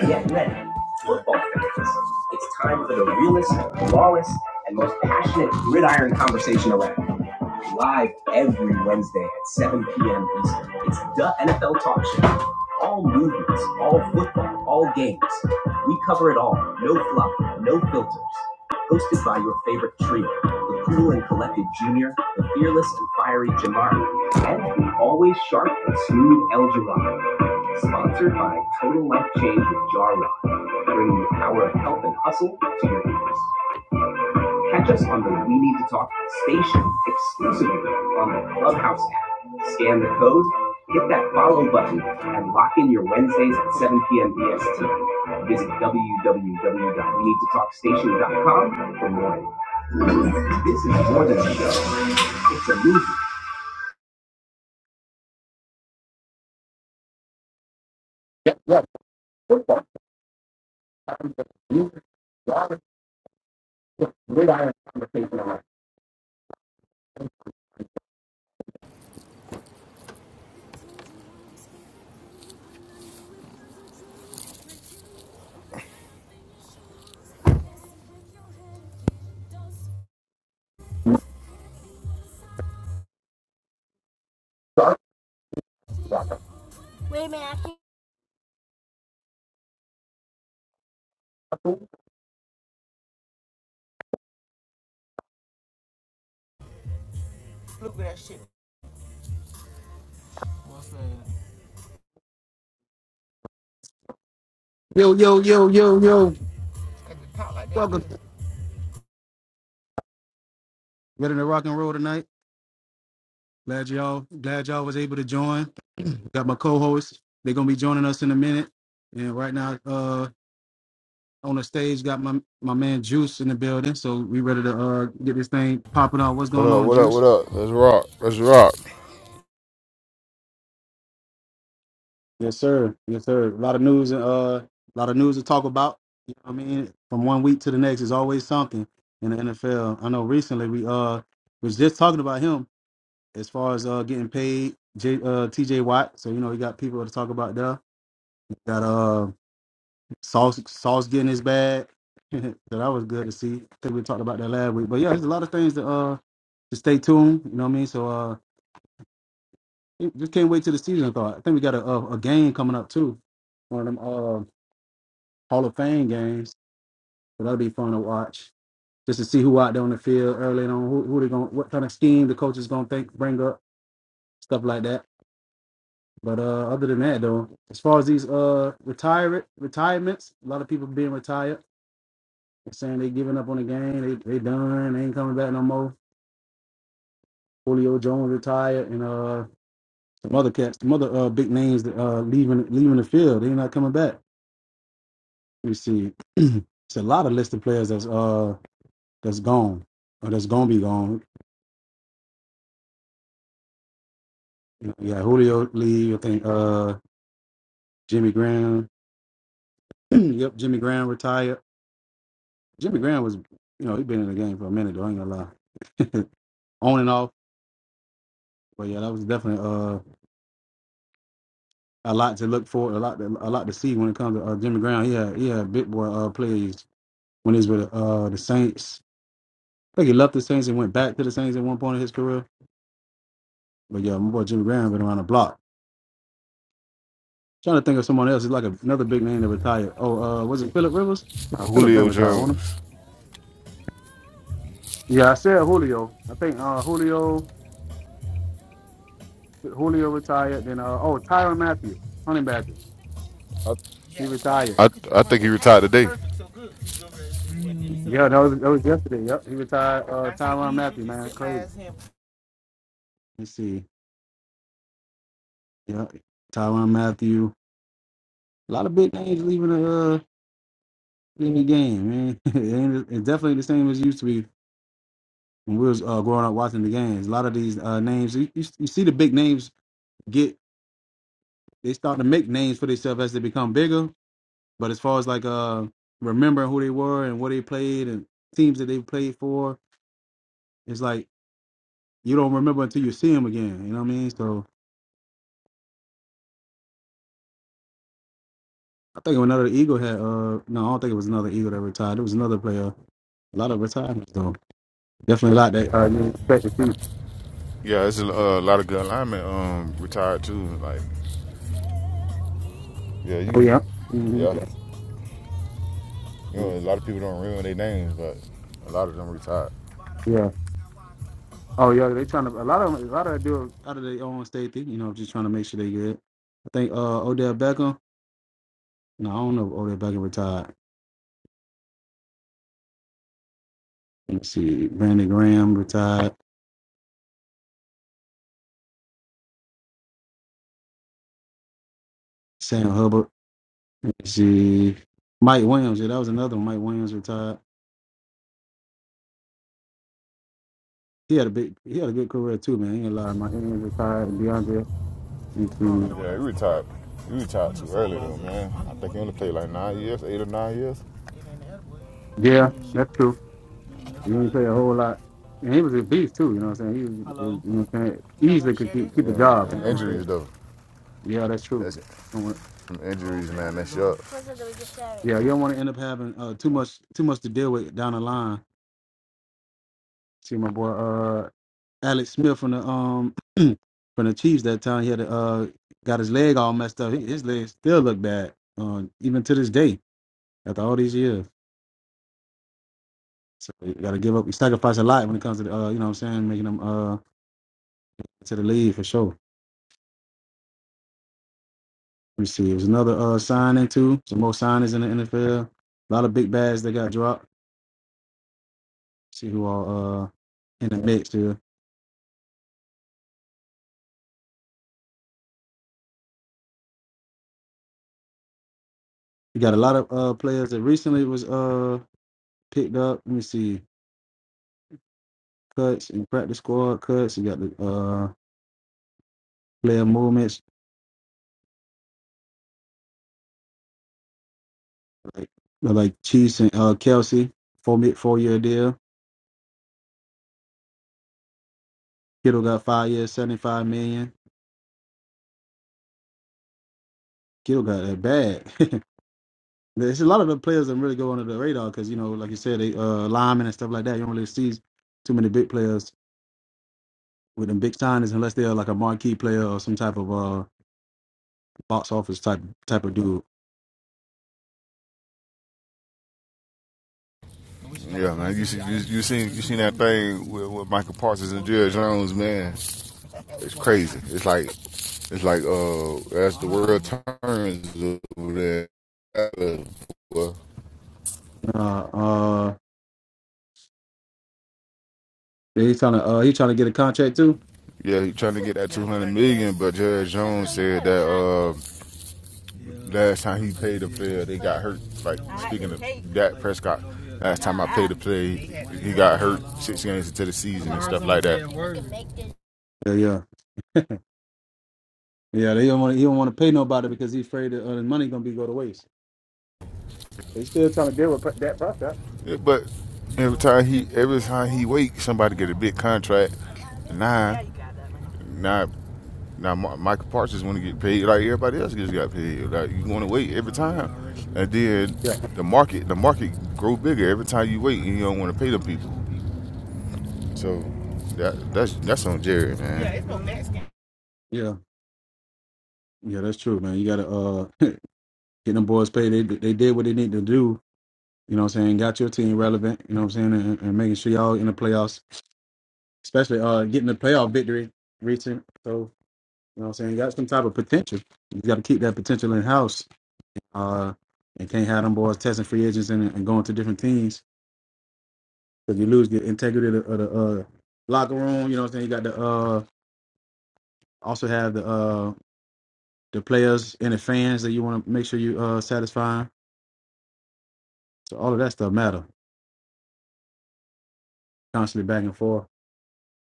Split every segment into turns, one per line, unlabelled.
Get ready. Football fans. It's time for the realest, rawest, and most passionate gridiron conversation around. Live every Wednesday at 7 p.m. Eastern. It's the NFL Talk Show. All movements, all football, all games. We cover it all. No fluff, no filters. Hosted by your favorite trio, the cool and collected Junior, the fearless and fiery Jamari, and the always sharp and smooth El Jirado. Sponsored by Total Life Change with Jar Rock, bringing the power of health and hustle to your ears. Catch us on the We Need to Talk station exclusively on the Clubhouse app. Scan the code, hit that follow button, and lock in your Wednesdays at 7 p.m. EST. Visit www.weneedtotalkstation.com for more. This is more than a show, it's a movement. We Yo, yo, yo, yo, Welcome. ready to rock and roll tonight. Glad y'all, glad y'all was able to join. Got my co-hosts. They're gonna be joining us in a minute. And right now, uh, on the stage, got my my man Juice in the building. So we ready to uh get this thing popping off. What's
What
going
up?
on,
What up?
Juice?
What up? Let's rock. Let's rock.
Yes, sir. Yes, sir. A lot of news and uh, a lot of news to talk about. You know what I mean, from one week to the next is always something in the NFL. I know recently we uh was just talking about him as far as uh getting paid, J, uh, T.J. Watt. So you know we got people to talk about there. Got uh sauce sauce getting his bag. so that was good to see. I think we talked about that last week. But yeah, there's a lot of things to uh to stay tuned. You know what I mean? So uh it- just can't wait till the season. Thought I think we got a, a a game coming up too. One of them uh Hall of Fame games. So that'll be fun to watch. Just to see who out there on the field early on, who who they going what kind of scheme the coach is gonna think bring up, stuff like that. But uh other than that though, as far as these uh retirement retirements, a lot of people being retired saying they giving up on the game. They they done. They ain't coming back no more. Julio Jones retired, and uh, some other cats, some other uh, big names that uh leaving leaving the field. They not coming back. You see, it's a lot of listed players that's uh that's gone or that's gonna be gone. You know, yeah, Julio leave. I think uh Jimmy Graham. yep, Jimmy Graham retired. Jimmy Graham was, you know, he been in the game for a minute. though, I ain't gonna lie, on and off. But yeah, that was definitely uh. a lot to look for, a lot to, a lot to see when it comes to uh, Jimmy Graham. He had he had big boy uh, plays when he was with uh, the Saints. I think he left the Saints and went back to the Saints at one point in his career. But yeah, my boy Jimmy Graham been around the block. Trying to think of someone else. He's like a, another big name that retired. Oh, uh, was it Phillip Rivers? No, Phillip been
Julio
retired, wasn't
Jones.
he? Yeah, I said Julio. I think uh, Julio Julio retired. Then uh, oh, Tyron Matthew, Honey Badger.
I
He retired.
I, I think he retired today.
Yeah, that was, that was yesterday. Yep, he retired. Uh, Tyron Matthew, man, crazy. Let's see. Yeah, Tyron Matthew. A lot of big names leaving the uh, leaving the game, man. it ain't, it's definitely the same as it used to be when we was uh, growing up watching the games. A lot of these uh, names, you, you, you see the big names get they start to make names for themselves as they become bigger. But as far as like uh, remembering who they were and what they played and teams that they played for, it's like you don't remember until you see them again. You know what I mean? So I think another Eagle had uh no, I don't think it was another Eagle that retired. It was another player. A lot of retirements though. Definitely like that uh, you expect to see.
Yeah, it's a uh, lot of good linemen um retired too. Like yeah,
Oh
you
yeah. hmm
yeah, you know
Yeah.
a lot of people don't remember their names, but a lot of them retired.
Yeah. Oh yeah. They trying to a lot of 'em- a lot of them do it out of their own state thing. You know, just trying to make sure they good. I think uh Odell Beckham. No, I don't know. if Odell Beckham retired. Let's see. Brandon Graham retired. Sam Hubbard. Let's see. Mike Williams. Yeah, that was another one. Mike Williams retired. He had a big. He had a good career too, man. He ain't a lot. of Mike Williams retired. And DeAndre. Let's
Yeah,
see.
he retired. He retired too early though, man. I think he only played like nine years, eight or nine years.
Yeah, that's true. He didn't play a whole lot. And he was a beast too, you know what I'm saying? He was, you know what I'm saying? Easily could keep, keep the
Yeah,
job.
injuries though.
Yeah, that's true.
That's it.
Don't want-
From injuries, man. That's up.
Yeah, you don't want to end up having uh, too much too much to deal with down the line. See my boy uh Alex Smith from the um from the Chiefs that time he had a, uh got his leg all messed up. He- His legs still look bad, uh, even to this day, after all these years. So you gotta give up you sacrifice a lot when it comes to the, uh, you know what I'm saying, making them uh to the league for sure. Let me see. There's another uh, signing too. Some more signings in the NFL. A lot of big bags that got dropped. See who are uh, in the mix here. You got a lot of uh, players that recently was uh, picked up. Let me see. Cuts and practice squad cuts. You got the uh, player movements like like Chiefs and uh, Kelsey four four year deal. Kittle got five years, seventy five million. Kittle got that bag. There's a lot of the players that really go under the radar because you know, like you said, they uh, linemen and stuff like that. You don't really see too many big players with them big signings unless they're like a marquee player or some type of uh box office type type of dude.
Yeah, man. You see, you, you seen you seen that thing with, with Michael Parsons and Jerry Jones, man. It's crazy. It's like it's like uh as the world turns over there. Well,
Uh uh he's trying to uh he's trying to get a contract too.
yeah, he trying to get that two hundred million, but Jerry Jones said that uh last time he paid a player, they got hurt. Like speaking of Dak Prescott, last time I played a player, he, he got hurt six games into the season and stuff like that.
Yeah, yeah. Yeah, they don't want he don't want to pay nobody because he's afraid that uh, the money gonna be go to waste. They still trying to deal with that Prescott.
Yeah, but every time he every time he wake, somebody get a big contract. Nah, nah, nah. Ma- Michael Parsons want to get paid like everybody else just got paid. Like you want to wait every time, and then
Yeah.
the market the market grow bigger every time you wait, and you don't want to pay them people. So that that's that's on Jerry, man. Yeah, it's no next game.
Yeah. Yeah, that's true, man. You gotta uh get them boys paid. They they did what they need to do, you know what I'm saying, got your team relevant, you know what I'm saying, and, and making sure y'all in the playoffs, especially uh getting the playoff victory recent. So You know what I'm saying? You got some type of potential. You got to keep that potential in house. Uh, and can't have them boys testing free agents and, and going to different teams because you lose the integrity of the, of the uh, locker room. You know what I'm saying? You got the uh, also have the uh, the players and the fans that you want to make sure you uh satisfy. So all of that stuff matter. Constantly back and forth.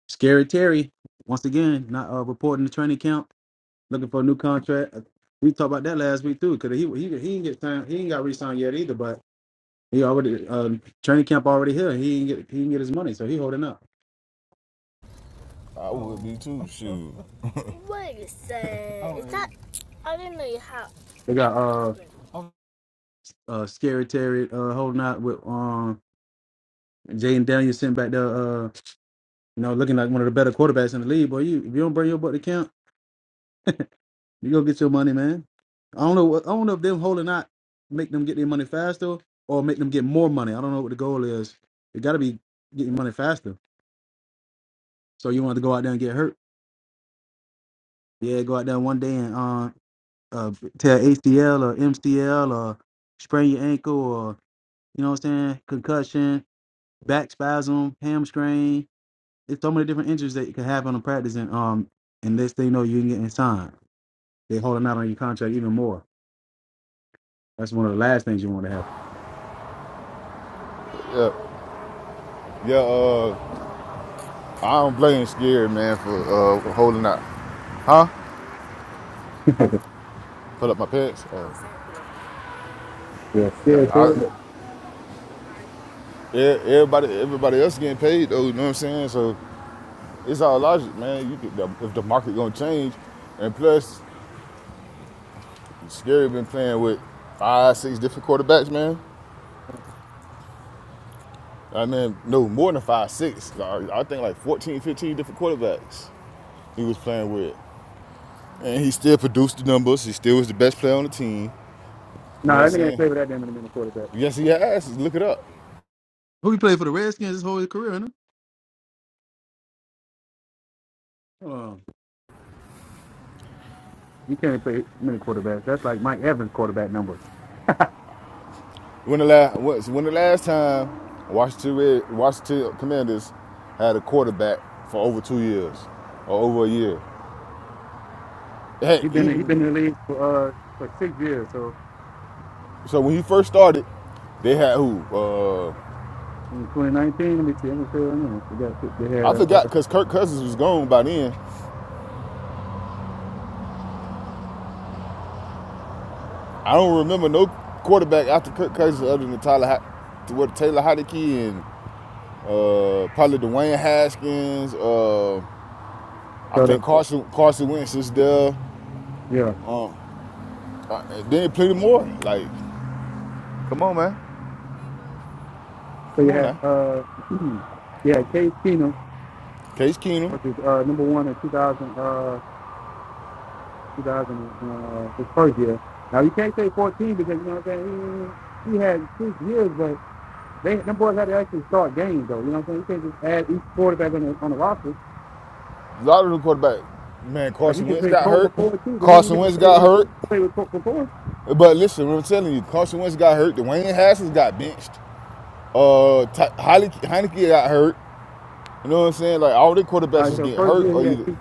Scary Terry once again not uh, reporting the training camp, looking for a new contract. We talked about that last week too because he he he didn't get signed, he ain't got re-signed yet either, but. He already uh training camp already here. He didn't get he didn't get his money, so he holding up.
I would be too. Shoot.
They got uh uh scary Terry uh holding out with um Jaden Daniels sitting back there uh you know looking like one of the better quarterbacks in the league. Boy, you if you don't bring your butt to camp, you go get your money, man. I don't know what I don't know if them holding out make them get their money faster or make them get more money. I don't know what the goal is. It gotta be getting money faster. So you want to go out there and get hurt. Yeah, go out there one day and uh. uh, tear ACL or MCL or sprain your ankle or you know what I'm saying, concussion, back spasm, hamstring. It's so many different injuries that you can have on a practice, and um, and next thing you know, you ain't getting signed. They're holding out on your contract even more. That's one of the last things you want to
Yeah, yeah. Uh, I don't blame Scary man for uh holding out. Huh?
have.
Put up my pants. Uh,
Yeah,
yeah,
yeah, yeah.
I Yeah, everybody, everybody else getting paid though. You know what I'm saying? So it's all logic, man. You could, if the market gonna change, and plus, Scary been playing with five, six different quarterbacks, man. I mean, no more than five, six. I, I think like 14, 15 different quarterbacks he was playing with, and he still produced the numbers. He still was the best player on the team. You know what
Nah,
I'm
that nigga ain't
saying?
play for that damn many minute quarterback.
Yes, he has. Look it up.
Who he played for the Redskins his whole career, ain't he? Um, you can't play many quarterbacks. That's like Mike Evans' quarterback numbers.
When the last when the last time Washington Red, Washington Commanders had a quarterback for over two years or over a year? Heck,
He been he
even
been in the league for uh for six years, so
so when he first started, they had who? Uh,
in 2019. Let me see. Let me see. Right now. They got they had
I
uh
forgot because Kirk Cousins was gone by then. I don't remember no quarterback after Kirk Cousins other than Tyler Ho- what Taylor Heinicke and uh, probably Dwayne Haskins. Uh, I
got a,
think Carson Carson Wentz is there.
yeah.
Um, uh, then plenty more. Like, come on, man.
So
Come
you
on
had
now.
uh you had Case Keenum,
Case Keenum.
which is uh number one in 2000 uh 2000 and, uh his first year. Now you can't say 14 because you know what I'm saying. He, he had six years, but they them boys had to actually start games though. You know what I'm saying? You can't just add each quarterback on the on the roster.
A lot of the quarterback. Man,
Like you
Carson
can
Wentz
say
got
Colt
hurt.
McCoy too, but he ain't
Carson
never
Wentz
played
got
with
hurt.
played with Colt McCoy.
But listen, what I'm telling you, Carson Wentz got hurt. Dwayne Haskins got benched. Uh, Heineke got hurt. You know what I'm saying? Like all the
All
quarterbacks
right,
is
so
getting
first
hurt
year
or
he had
either,
first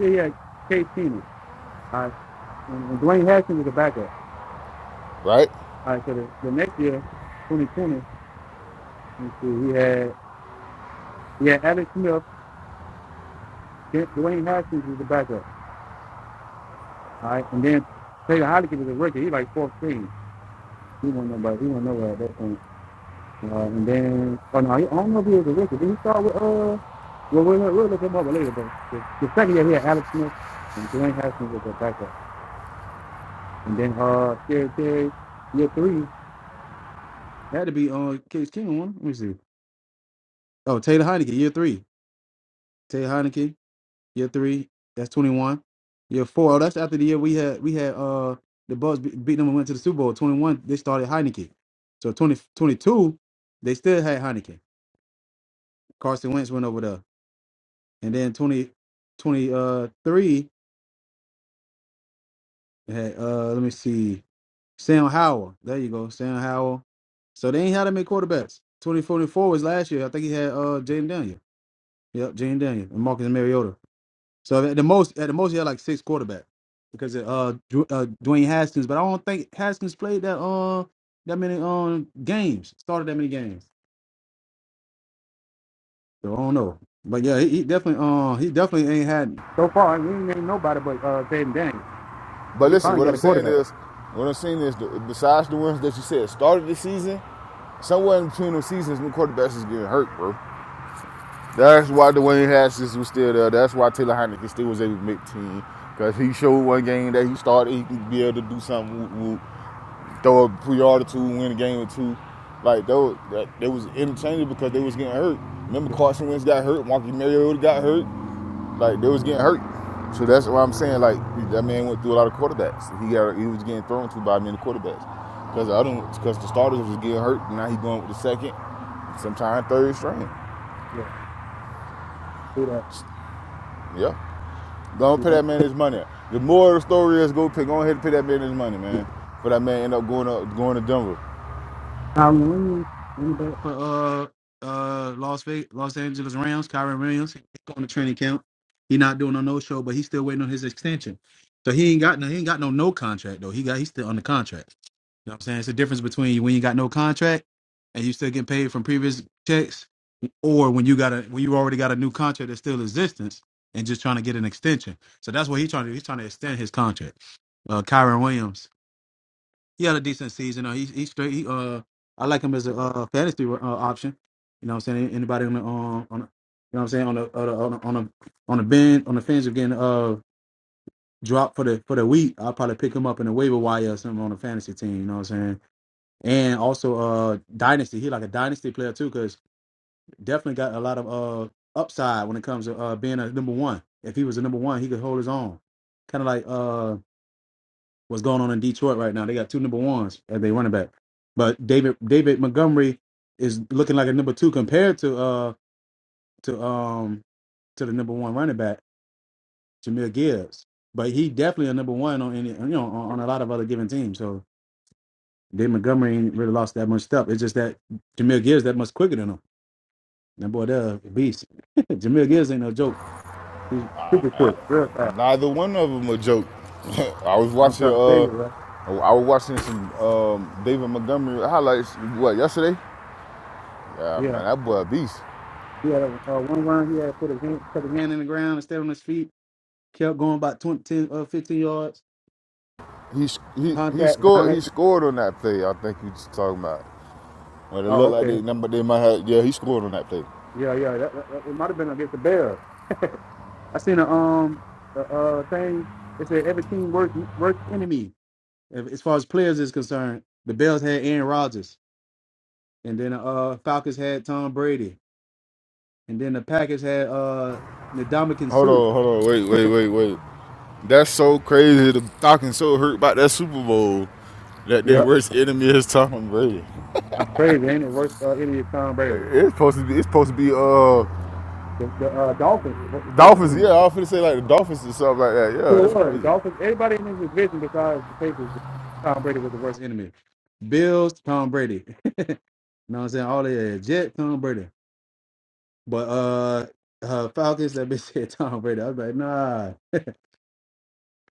year he had Case Keenum. All right, and, and Dwayne Haskins was a backup.
right?
All right, so the, the next year, 2020, let see, we had we had Alex Smith, Dwayne Haskins was the backup. All right, and then Taylor Heineke was a rookie. He like fourth string. He wasn't nobody. He wasn't nowhere at that point. Uh, and then, oh no, he, I don't know if he was a rookie. Did he start with uh? Well, we'll, we'll look him up later. But the, the second year, he had Alex Smith and Dwayne Haskins was a backup. And then uh, Terry Terry, year three, Had to be uh Case Keenum. Let me see. Oh, Taylor Heineke, year three. Taylor Heineke. Year three, that's twenty one. Year four, oh, that's after the year we had we had uh the Bucks be- beat them and went to the Super Bowl. Twenty one, they started Heineken. So 20 22, they still had Heineken. Carson Wentz went over there, and then 20, 23, they had uh let me see, Sam Howell. There you go, Sam Howell. So they ain't had that many quarterbacks. Twenty twenty four was last year. I think he had uh Jaden Daniel. Yep, Jaden Daniel and Marcus Mariota. So at the most, at the most, he had like six quarterbacks because of, uh, Dw- uh Dwayne Haskins, but I don't think Haskins played that uh that many um games, started that many games. So I don't know, but yeah, he, he definitely uh he definitely ain't had so far. We ain't named nobody but uh Jaden Daniels, but
But
he
listen,
finally
what I'm
got a
saying
quarterback.
is, what I'm saying is, besides the ones that you said started the season, somewhere in between the seasons, new quarterbacks is getting hurt, bro. That's why Dwayne Haskins was still there. That's why Taylor Heineken still was able to make team. Because he showed one game that he started, he could be able to do something, whoop, whoop, throw a pre or two, win a game or two. Like, they, were, they was interchangeable because they was getting hurt. Remember Carson Wentz got hurt, Marcus Mariota got hurt. Like, they was getting hurt. So that's what I'm saying. Like, that man went through a lot of quarterbacks. He got he was getting thrown to by many quarterbacks. Because the, other one- 'cause the starters was getting hurt, and now he going with the second, sometime third string.
Yeah, do that.
Yeah. Don't pay that man his money. The moral of the story is go pay, go ahead and pay that man his money, man. But that man end up going up going to Denver.
Kyron Williams went back for uh uh Las Vegas, Los Angeles Rams. Kyron Williams he's going to training camp. He not doing a no show, but he's still waiting on his extension. So he ain't got no he ain't got no no contract though. He got he's still on the contract. You know what I'm saying? It's the difference between when you got no contract and you still getting paid from previous checks, or when you got a when you already got a new contract that's still in existence and just trying to get an extension. So that's what he's trying to do. He's trying to extend his contract. Uh Kyron Williams he had a decent season. Uh, he he straight. He, uh, I like him as a uh, fantasy uh, option. You know, what I'm saying anybody on the um, on, the, you know, what I'm saying on the on the on the on the, on the bend on the fence of getting uh dropped for the for the week. I'll probably pick him up in the waiver wire or something on a fantasy team. You know what I'm saying? And also uh dynasty. He like a dynasty player too, because definitely got a lot of uh upside when it comes to uh being a number one. If he was a number one, he could hold his own. Kind of like uh what's going on in Detroit right now. They got two number ones as they running back. But David David Montgomery is looking like a number two compared to uh to um to the number one running back, Jameer Gibbs. But he definitely a number one on any you know on, on a lot of other given teams. So David Montgomery ain't really lost that much stuff. It's just that Jameer Gibbs that much quicker than him. That boy there a beast. Jameer Gibbs ain't no joke. He's super quick, real fast.
Neither one of them a joke. I was
I'm
watching
trying to tell
uh
you, right?
I was watching some um, David Montgomery highlights what yesterday. Yeah,
Yeah.
man, that boy a beast.
He had a, uh, one run, he had to put his hand, put his hand in the ground and stay on his feet kept going about 20 10 uh, 15 yards.
He he he
Contact down
scored he
it.
scored on that play. I think you just talking about. Well, it looked
Oh,
like
okay.
they number they might have. Yeah, he scored on that play.
Yeah, yeah. That, that, that- it might have been against the Bears. I seen a um a, uh thing. It said every team works works enemy. If- As far as players is concerned, the Bears had Aaron Rodgers, and then uh Falcons had Tom Brady, and then the Packers had uh Ndamukong
Hold
Suh.
on, hold on, wait, wait, wait, wait. That's so crazy. The Falcons so hurt about that Super Bowl that their
Yep,
worst enemy is Tom Brady.
that's crazy, ain't it? Worst uh, enemy is Tom Brady.
It's supposed to be. It's supposed to be uh
The, the uh, Dolphins wor- worst
Dolphins.
enemy.
Yeah, I was gonna say like the Dolphins or something like that.
It
Yeah, that's
was.
crazy.
Dolphins, everybody in his division besides the Patriots, Tom Brady was the worst enemy. Bills, Tom Brady. You know what I'm saying? All they had Jet, Tom Brady. But uh, uh Falcons, that bitch said Tom Brady. I was like, nah.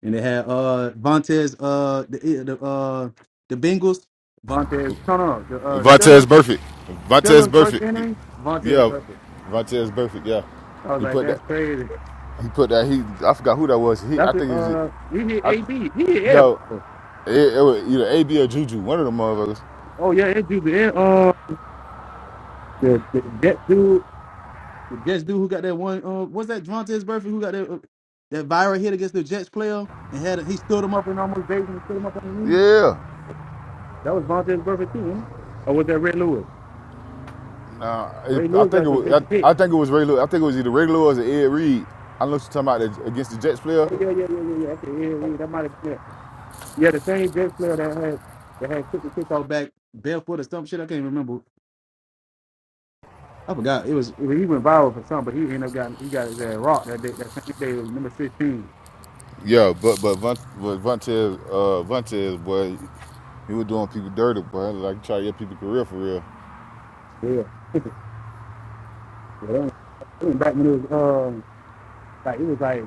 And they had uh Vontez, uh the eh, the uh the Bengals, Vontez, no no, the uh
Vontez
Steelers,
Burfict. Vontez
Steelers worst
Burfict.
enemy, Vontez
Yeah,
Buffett.
Vontez Burfict. Yeah,
I was
he
like,
put that.
that's crazy.
He put that. He. I forgot who that was. He. I
That's a,
think it was.
uh he hit A
I.
B. He hit air.
Yo, it, it was either AB or Juju. One of them motherfuckers.
Oh yeah, it's dude and uh the, the Jet dude The Jets dude who got that one, uh, was that Vontez Burfict who got that uh, that viral hit against the Jets player and had he stood him up and almost based him and stood him up on the knee?
Yeah.
That was Vontez Burfict too, huh? Or was that Ray Lewis?
Now it,
Ray
I
Lewis
think
got
it
some
was.
vicious
I,
hit.
I think it was regular. I think it was either regular or it was Ed Reed. I know you're talking about the, against the Jets player.
Oh yeah, yeah, yeah, yeah, yeah. Okay, yeah, yeah. That might have been it. Yeah, the same Jets player that had that had took the kickoff back barefoot or some shit. I can't remember. I forgot. It was it, was- he went viral for something, but he ended up got he got his ass rocked that day. That same day it was number sixteen.
Yeah, but but Von, but Vontez, uh, Vontez, boy, he was doing people dirty, boy. Like try to get people career for real.
Yeah, yeah. That was that was back when it was um like it was like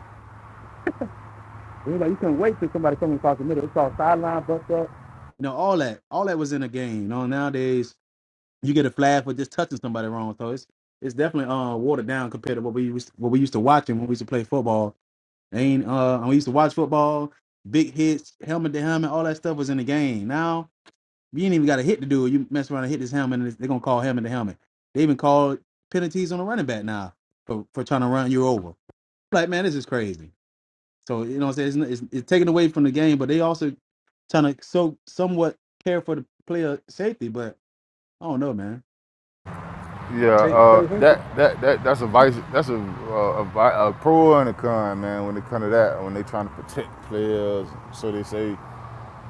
It was like you couldn't wait till somebody coming across the middle. It's called sideline bust up. You know, all that. All that was in the game. You know, nowadays you get a flag for just touching somebody wrong. So it's it's definitely uh watered down compared to what we used what we used to watch and when we used to play football. Ain't uh and we used to watch football, big hits, helmet to helmet, all that stuff was in the game. Now you ain't even got a hit to do. You mess around and hit this helmet, and they're gonna call helmet to helmet. They even call penalties on a running back now for, for trying to run you over. Like man, this is crazy. So you know, what I'm saying it's, it's, it's taken away from the game, but they also trying to so somewhat care for the player safety. But I don't know, man.
Yeah,
Say,
uh, that that that that's a vice. That's a a, a, a pro and a con, man. When it comes to that, when they trying to protect players, so they say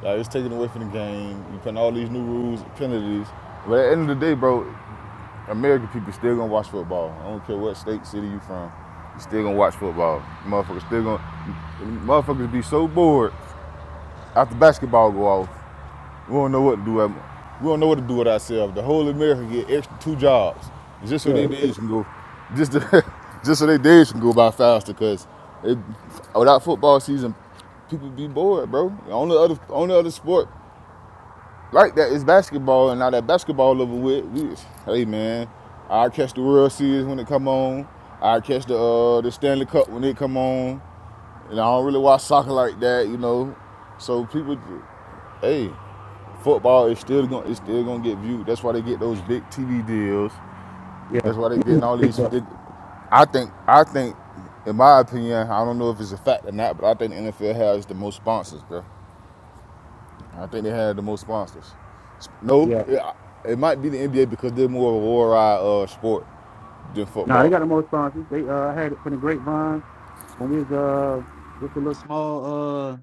like it's taken away from the game. You putting all these new rules, penalties. But at the end of the day, bro, American people still gonna watch football. I don't care what state, city you from. You still gonna watch football. Motherfuckers still gonna motherfuckers be so bored after basketball go off. We don't know what to do. At, we don't know what to do with ourselves. The whole America get extra two jobs just so
yeah,
their days can go just to, just so their days can go by faster. Cause it, without football season, people be bored, bro. Only other only other sport like that, it's basketball, and now that basketball over with, we just, hey man, I catch the World Series when it come on. I catch the uh, the Stanley Cup when it come on, and I don't really watch soccer like that, you know. So people, hey, football is still going to it's still gonna get viewed. That's why they get those big TV deals.
yeah,
That's why they getting all
big
these.
bucks,
They, I think I think, in my opinion, I don't know if it's a fact or not, but I think the NFL has the most sponsors, bro. I think they had the most sponsors. No,
yeah.
it, it might be the NBA because they're more of a worldwide uh, sport than
Nah, they
football.
got the most sponsors. They uh had it from the grapevine when we was uh just a little small uh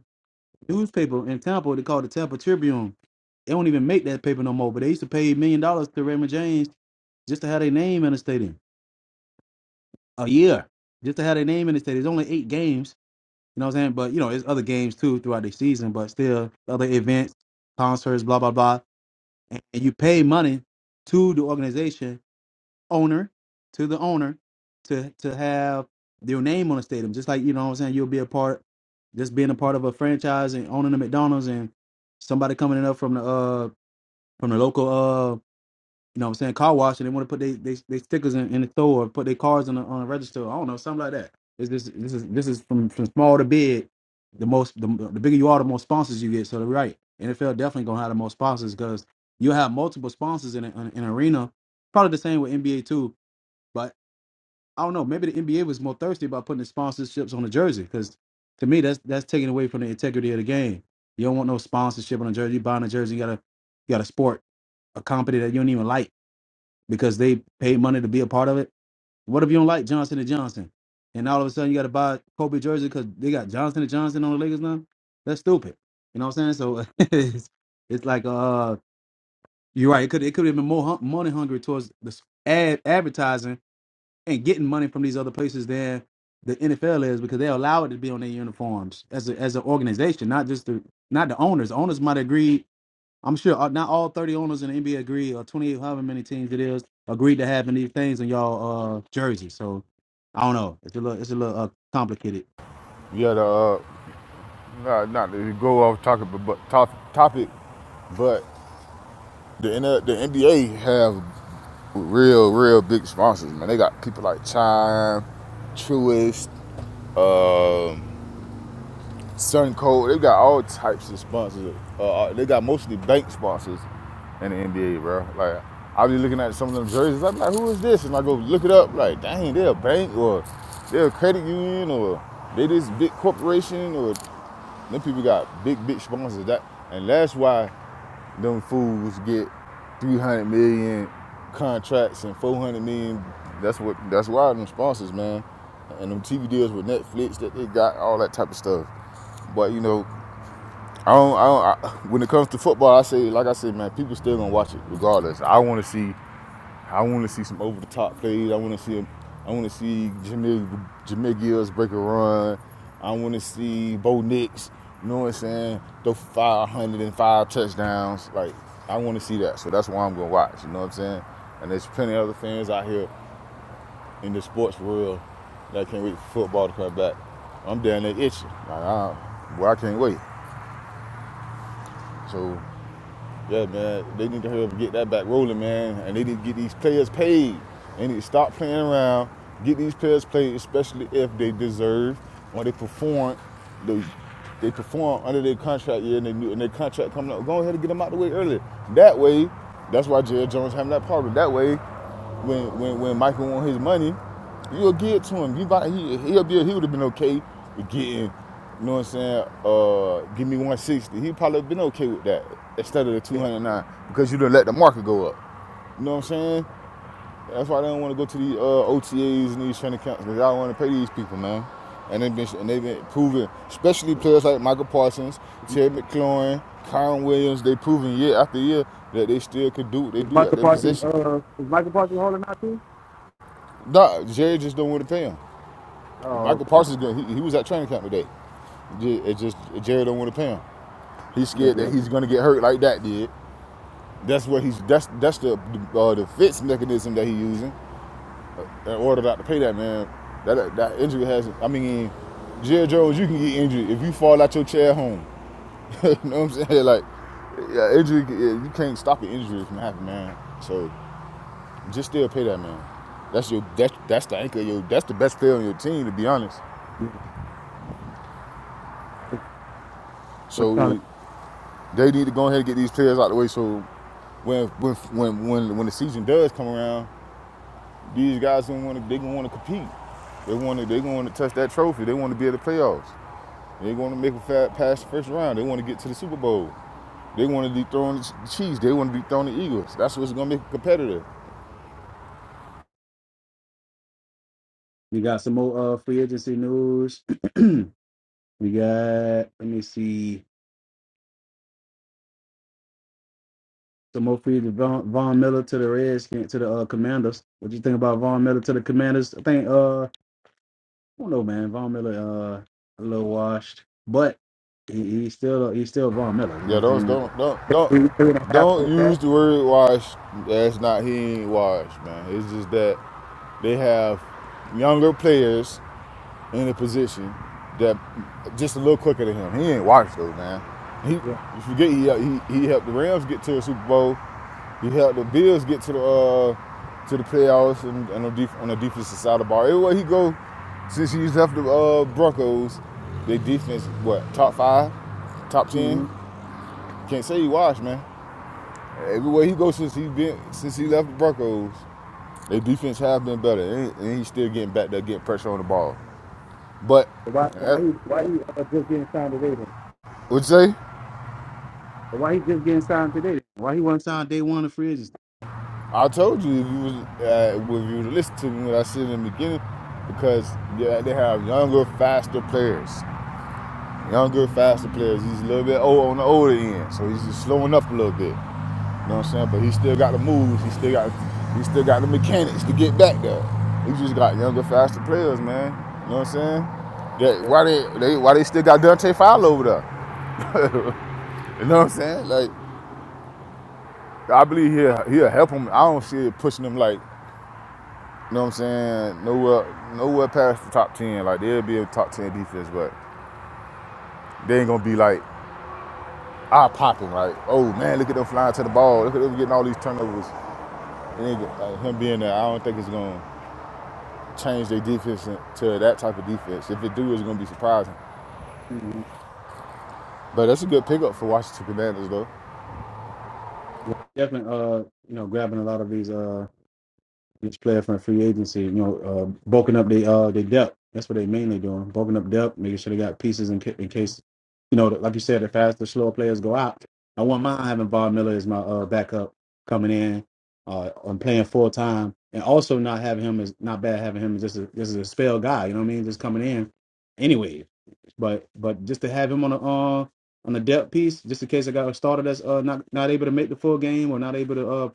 newspaper in Tampa. They called the Tampa Tribune. They don't even make that paper no more. But they used to pay million dollars to Raymond James just to have their name in the stadium a year, just to have their name in the stadium. It's only eight games You know what I'm saying? But you know, there's other games too throughout the season, but still other events, concerts, blah blah blah. And, and you pay money to the organization owner, to the owner, to to have your name on the stadium. Just like you know what I'm saying, you'll be a part, just being a part of a franchise and owning a McDonald's and somebody coming in up from the uh from the local uh, you know what I'm saying? Car wash and they want to put they, they, they stickers in, in the store or put their cars on the on the register. I don't know, something like that. It's this this is this is from, from small to big. The most the, the bigger you are, the more sponsors you get. So they're right. NFL definitely gonna have the most sponsors because you have multiple sponsors in, a, in an arena. Probably the same with NBA too. But I don't know. Maybe the NBA was more thirsty about putting the sponsorships on the jersey because to me that's that's taken away from the integrity of the game. You don't want no sponsorship on a jersey. You buying a jersey, you gotta you gotta sport a company that you don't even like because they paid money to be a part of it. What if you don't like Johnson and Johnson, and all of a sudden you got to buy Kobe jersey because they got Johnson and Johnson on the Lakers now? That's stupid. You know what I'm saying? So it's, it's like uh, you're right. It could it could have been more hun- money hungry towards the s- ad advertising and getting money from these other places than the NFL is because they allow it to be on their uniforms as a, as an organization, not just the not the owners. owners might agree I'm sure uh, not all 30 owners in the NBA agree, or 28, however many teams it is, agreed to having these things in y'all uh, jerseys. So I don't know. It's a little, it's a little uh, complicated.
Yeah, the uh, not not to go off topic, but, top, topic, but the the NBA have real real big sponsors. Man, they got people like Chime, Truist, um, Sun Cold. They got all types of sponsors. Uh, uh, they got mostly bank sponsors in the NBA, bro. Like I be looking at some of them jerseys. I'm like, who is this? And I go look it up. Like, dang, they're a bank or they're a credit union or they this big corporation or them people got big big sponsors. That and that's why them fools get 300 million contracts and 400 million. That's what. That's why them sponsors, man, and them TV deals with Netflix that they got all that type of stuff. But you know, I don't. I don't I, when it comes to football, I say, like I said, man, people still gonna watch it regardless. I want to see. I want to see some over the top plays. I want to see. I want to see Jameer Jameer Gills break a run. I want to see Bo Nix. You know what I'm saying? Throw 505 touchdowns. Like I want to see that. So that's why I'm gonna watch. You know what I'm saying? And there's plenty of other fans out here in the sports world that can't wait for football to come back. I'm down there itching. Like, I, well, I can't wait. So Yeah, man. They need to help get that back rolling, man. And they need to get these players paid. They need to stop playing around, get these players paid, especially if they deserve or they perform. They, they perform under their contract year and, they, and their contract coming up. Go ahead and get them out the way early. That way, that's why Jared Jones having that problem. That way, when when, when Michael wants his money, You'll get to him. You about, he he'll be he would have been okay with getting, you know what I'm saying, uh give me 160. He probably been okay with that instead of the 209 because you done let the market go up. You know what I'm saying? That's why they don't want to go to these uh, OTAs and these training camps because I don't want to pay these people, man. And they've been and they've been proving, especially players like Michael Parsons, Terry McLaurin, Kyron Williams. They proving year after year that they still could do what they
Is
do at
Michael
their
Parsons
position.
uh is Michael Parsons holding out too?
Nah, Jerry just don't want to pay them.
Oh
Michael
okay.
Parsons, going he, he was at training camp today. It just Jerry don't want to pay him. He's
Yeah,
scared
yeah.
that he's gonna get hurt like that did. That's what he's that's that's the uh, defense mechanism that he's using in order not to pay that man. That that, injury has. I mean, Jerry Jones, you can get injured if you fall out your chair at home. you know what I'm saying? Like, yeah, injury. yeah, You can't stop an injury from happening, man. So just still pay that man. That's your that's that's the anchor. Your that's the best player on your team, to be honest.
What kind of-
So They need to go ahead and get these players out of the way so when when when when, when the season does come around, these guys don't want to they gonna want to compete. They want to they gonna want to touch that trophy. They want to be at the playoffs. They want to make a fat past the first round. They want to get to the Super Bowl. They want to be throwing the Chiefs. They want to be throwing the Eagles. That's what's gonna make it competitive.
You got some more uh, free agency news. We got, let me see, some more free to Von, Von Miller to the Redskins, to the uh, Commanders. What do you think about Von Miller to the Commanders? I think, uh, I don't know, man. Von Miller, uh, a little washed, but he, he's still he's still Von Miller. You know
Yeah,
what
those
I'm saying?
don't don't don't
Three, three and a half
don't
for
use
that.
the word wash. That's not he ain't washed, man. It's just that they have younger players in a position that just a little quicker than him. He ain't washed though, man. He
Yeah.
you forget he, uh, he he helped the Rams get to a Super Bowl. He helped the Bills get to the uh, to the playoffs and, and on, the def- on the defensive side of the ball. Everywhere he go, since he used to have the uh, Broncos, their defense what top five, top ten.
Mm-hmm.
Can't say he washed, man. Everywhere he goes since he been since he left the Broncos, their defense have been better, and, and he's still getting back there, getting pressure on the ball. But
Why why
that,
he why he uh, just getting signed today then?
What you say?
Why he just getting signed today? Why he wasn't signed day one of free agency?
I told you if you was uh, if you would listen to me when I said in the beginning, because yeah, they have younger, faster players. Younger, faster players. He's a little bit old on the older end, so he's just slowing up a little bit. You know what I'm saying? But he still got the moves. He still got he still got the mechanics to get back there. He just got younger, faster players, man. You know what I'm saying? That why they, they why they still got Dante Fowler over there? You know what I'm saying? Like I believe he'll he'll help him. I don't see it pushing him like You know what I'm saying? Nowhere, nowhere past the top ten. Like there'll be a top ten defense, but they ain't gonna be like eye popping. Like, oh man, look at them flying to the ball. Look at them getting all these turnovers. And like, him being there, I don't think it's gonna change their defense to that type of defense. If it do, it's gonna be surprising.
Mhm.
But that's a good pickup for Washington Commanders, though.
Definitely, uh, you know, grabbing a lot of these uh Each player from free agency, you know, uh, bulking up they uh they depth. That's what they mainly doing, bulking up depth, making sure they got pieces in, ca- in case, you know, like you said, the faster, slower players go out. I want mine having Bob Miller as my uh, backup coming in, uh, and playing full time, and also not having him as not bad having him as just a, just a spell guy. You know what I mean? Just coming in, anyway. But but just to have him on the uh on the depth piece, just in case I got a starter that's uh not not able to make the full game or not able to uh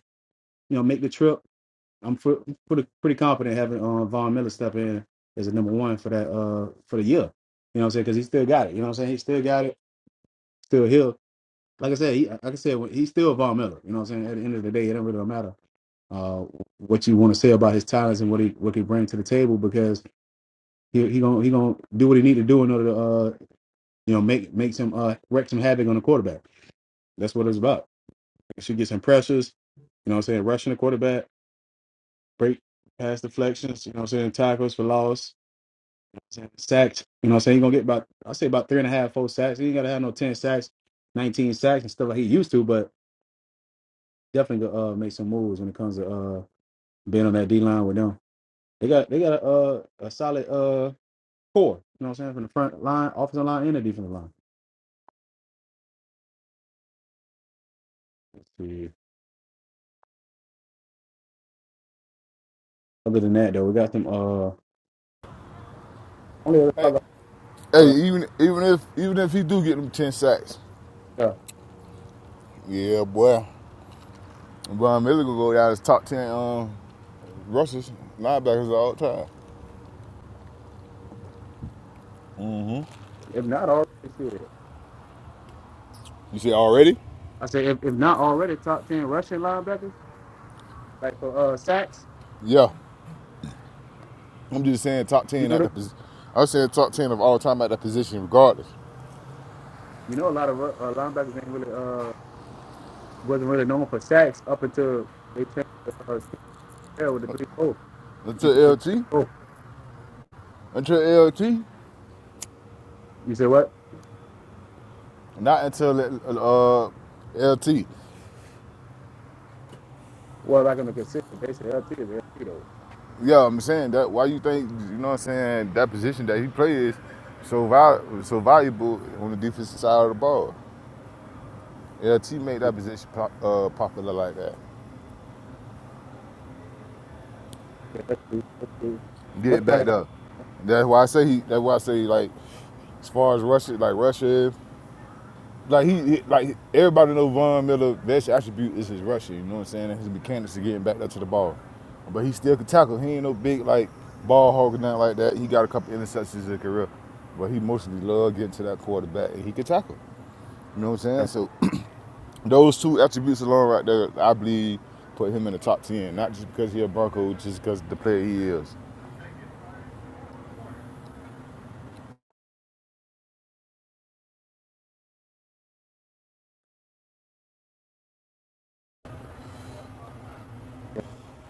you know make the trip I'm fr- pretty pretty confident having uh, Von Miller step in as a number one for that uh for the year. You know what I'm saying? Because he still got it. You know what I'm saying? He still got it. Still he'll like I said. He, like I said, when- he's still Von Miller. You know what I'm saying? At the end of the day, it don't really matter uh what you want to say about his talents and what he what he brings to the table because he he gonna he gonna do what he need to do in order to uh you know make make some uh wreck some havoc on the quarterback. That's what it's about. It should get some pressures. You know what I'm saying? Rushing the quarterback, break pass deflections. You know what I'm saying? Tackles for loss Sacks, you know what I'm saying? He's gonna get about I say about three and a half, four sacks. He ain't gotta have no ten sacks, nineteen sacks and stuff like he used to, but definitely gonna uh make some moves when it comes to uh being on that D line with them. They got they got a uh, a solid uh core, you know what I'm saying, from the front line, offensive line and the defensive line. Let's See, Other than that though, we got them uh only other
Hey, hey, even even if even if he do get them ten sacks,
uh,
yeah, boy, Von Miller gonna go down as top ten um rushers linebackers of all the time.
If not already shit.
You see already?
I say if, if not already top ten rushing linebackers, like for uh sacks,
Yeah, I'm just saying top
you
ten
know
at the
the
position. I'm saying top ten of all time at that position, regardless.
you know a lot of uh, linebackers ain't really uh wasn't really known for sacks up until they changed uh, Steve Carroll with the three four.
Until LT, until LT,
You say what?
not until uh, LT.
Well, I gonna consider. They say LT is LT though.
Yeah, I'm saying that. Why you think you know? what I'm saying that position that he plays so val- so valuable on the defensive side of the ball. LT made that position pop, uh, popular like that.
It-
Get it
What kind
back there. That's why I say he. That's why I say like, as far as Russia, like Russia, Like he, he- like everybody know Von Miller best attribute is his rushing. You know what I'm saying? And his mechanics to getting back up to the ball, but he still can tackle. He ain't no big like ball hog or nothing like that. He got a couple interceptions in his career, but he mostly loved getting to that quarterback and he could tackle. You know what I'm saying? So those two attributes alone right there, I believe, put him in the top ten. Not just because he a Bronco, just because the player he is.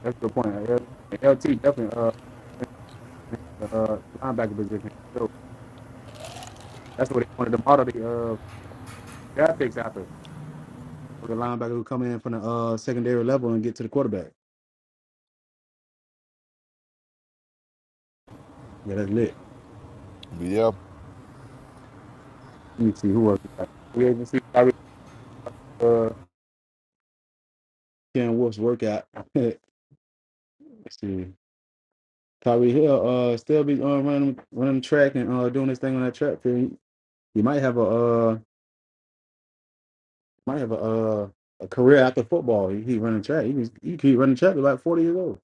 That's the point. Uh, LT definitely uh uh linebacker position. So that's what they wanted to model the uh draft picks after for the linebacker who come in from the uh secondary level and get to the quarterback. Yeah, that's lit.
But yeah,
Let me see who else. We got. We even see Tyreek, uh Ken Wolf's workout. Let's see. Tyreek Hill uh still be uh, running running track and uh doing his thing on that track field. He, he might have a uh might have a uh a career after football. He, he running track. He can he keep running track at like forty years old.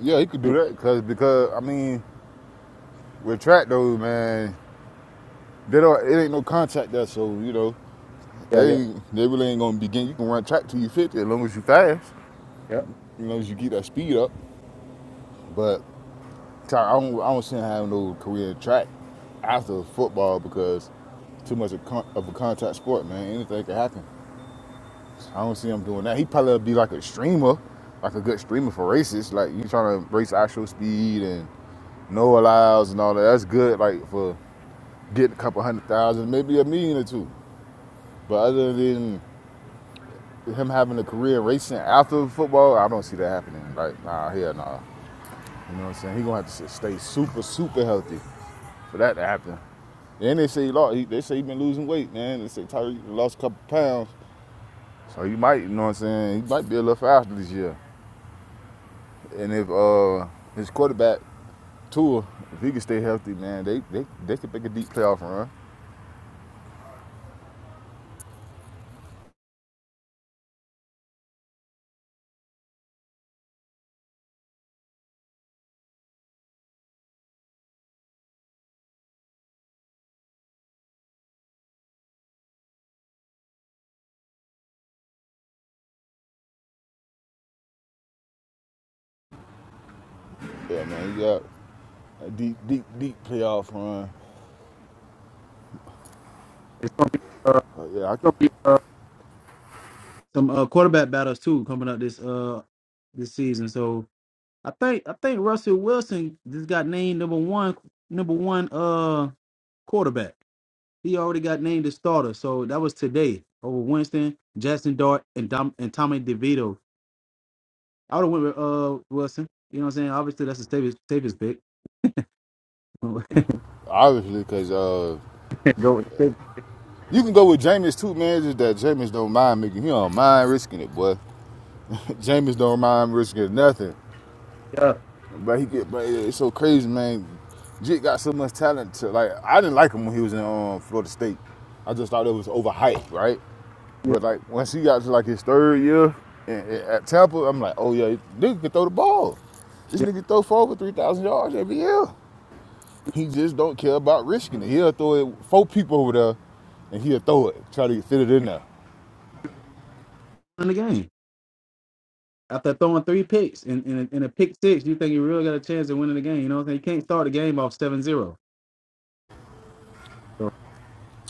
yeah, he could do that because because I mean with track though, man, they don't it ain't no contact there, so you know
Yeah, yeah,
They they really ain't gonna begin. You can run track till you 50 as long as you fast.
yeah.
You know, as you get that speed up. But so I don't I don't see him having no career in track after football because too much of, con- of a contact sport, man. Anything can happen. I don't see him doing that. He probably be like a streamer, like a good streamer for races. Like you trying to race actual speed and no allows and all that. That's good, like for getting a couple hundred thousand, maybe a million or two. But other than Him having a career racing after football, I don't see that happening. Like, nah, hell nah. You know what I'm saying? He gonna have to stay super, super healthy for that to happen. And they say he lost. He, they say he been losing weight, man. They say Tyreek lost a couple pounds, so he might. You know what I'm saying? He might be a little faster this year. And if uh his quarterback Tua, if he can stay healthy, man, they they they could make a deep playoff run. Yeah, man, you got a deep, deep, deep playoff run.
It's gonna be uh, it's
But yeah,
gonna be uh, some uh, quarterback battles too coming up this uh this season. So I think I think Russell Wilson just got named number one number one uh quarterback. He already got named the starter. So that was today over Winston, Jackson Dart, and Dom, and Tommy DeVito. I would have went with uh Wilson. You know what I'm saying? Obviously, that's the safest safest pick.
I, obviously because uh,
Go with
You can go with Jameis too, man. Just that Jameis don't mind making. He don't mind risking it, boy. Jameis don't mind risking nothing.
Yeah,
But he get, but it's so crazy, man. Jit got so much talent. To, like I didn't like him when he was in um, Florida State. I just thought it was overhyped, right?
yeah,
But like once he got to like his third year and, and at Tampa, I'm like, oh yeah, this nigga can throw the ball. This
yeah.
nigga throw for over three thousand yards every year. He just don't care about risking it. He'll throw it four people over there, and he'll throw it, try to fit it in there.
win the game. After throwing three picks and in, in, a, in a pick six, you think you really got a chance of winning the game. You know what I'm saying? You can't start the game off seven zero.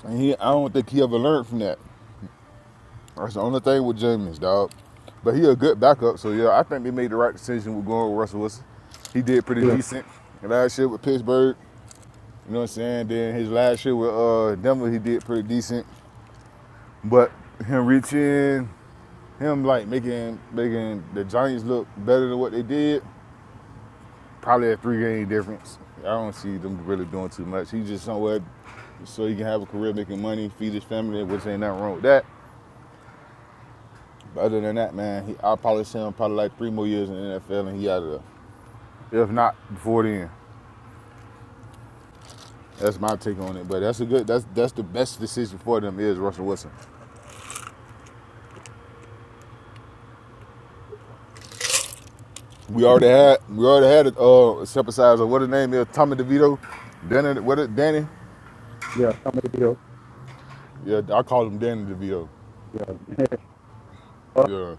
And he, I don't think he ever learned from that. That's the only thing with Jameis, dog. But he a good backup, so yeah, I think they made the right decision with going with Russell Wilson. He did pretty
So, Yeah,
decent last year with Pittsburgh. You know what I'm saying? Then his last year with uh, Denver, he did pretty decent. But him reaching, him like making making the Giants look better than what they did, probably a three game difference. I don't see them really doing too much. He just somewhere so he can have a career making money, feed his family, which ain't nothing wrong with that. Other than that, man, he, I'll probably see him probably like three more years in the NFL and he out of there. If not before then. That's my take on it. But that's a good that's that's the best decision for them is Russell Wilson. We already had we already had a uh step aside of what his name is, Tommy DeVito. Danny what it Danny?
yeah. Some deal.
Yeah, I call him Danny DeVito.
Yeah. Uh,
Yeah.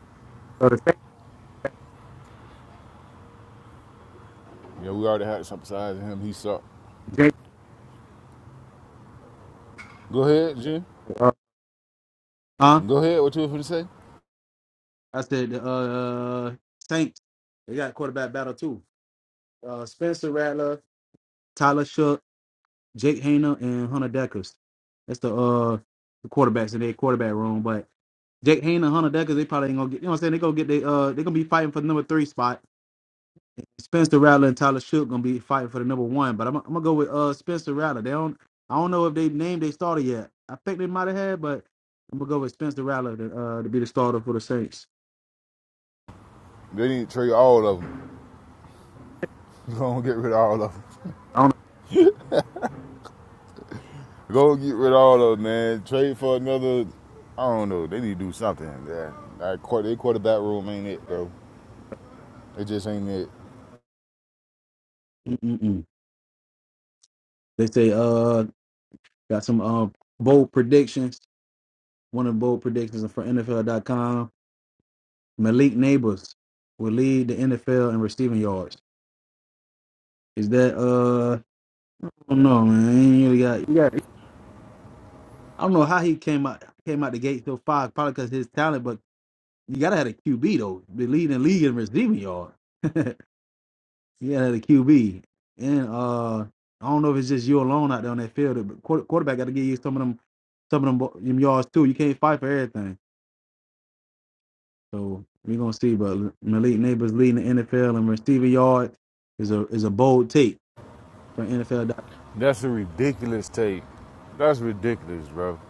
so the same
Yeah, we already had step aside him, he sucked.
Jake.
Go ahead, Jim.
Uh, huh?
Go ahead, what you was gonna say?
I said, the, uh, Saints, they got quarterback battle too. Uh, Spencer Rattler, Tyler Shook. Jake Hayner and Hunter Deckers. That's the uh the quarterbacks in their quarterback room. But Jake Hayner and Hunter Deckers, they probably ain't gonna get. You know what I'm saying? They gonna get they uh they gonna be fighting for the number three spot. Spencer Rattler and Tyler Shook gonna be fighting for the number one. But I'm, I'm gonna go with uh Spencer Rattler. They don't. I don't know if they named their starter yet. I think they might have had, but I'm gonna go with Spencer Rattler to, uh, to be the starter for the Saints.
They need to trade all of them. Go and get rid of all of them.
I don't.
Go get rid of all of them, man. Trade for another. I don't know. They need to do something. Yeah, that quarter, their quarterback room ain't it, bro. It just ain't it.
Know. Mm-mm-mm. They say uh got some uh bold predictions. One of the bold predictions is from NFL.com Malik Neighbors will lead the NFL in receiving yards. Is that uh? I don't know, man. He ain't really got, yeah. I don't know how he came out came out the gate so far. Probably because his talent, but you gotta have a QB though. The leading league in receiving yards. you gotta have a QB, and uh, I don't know if it's just you alone out there on that field, but quarter, quarterback gotta give you some of them some of them, bo- them yards too. You can't fight for everything. So we're gonna see. But Malik Neighbors leading the NFL in receiving yards is a is a bold take for NFL.
That's a ridiculous take. That's ridiculous, bro.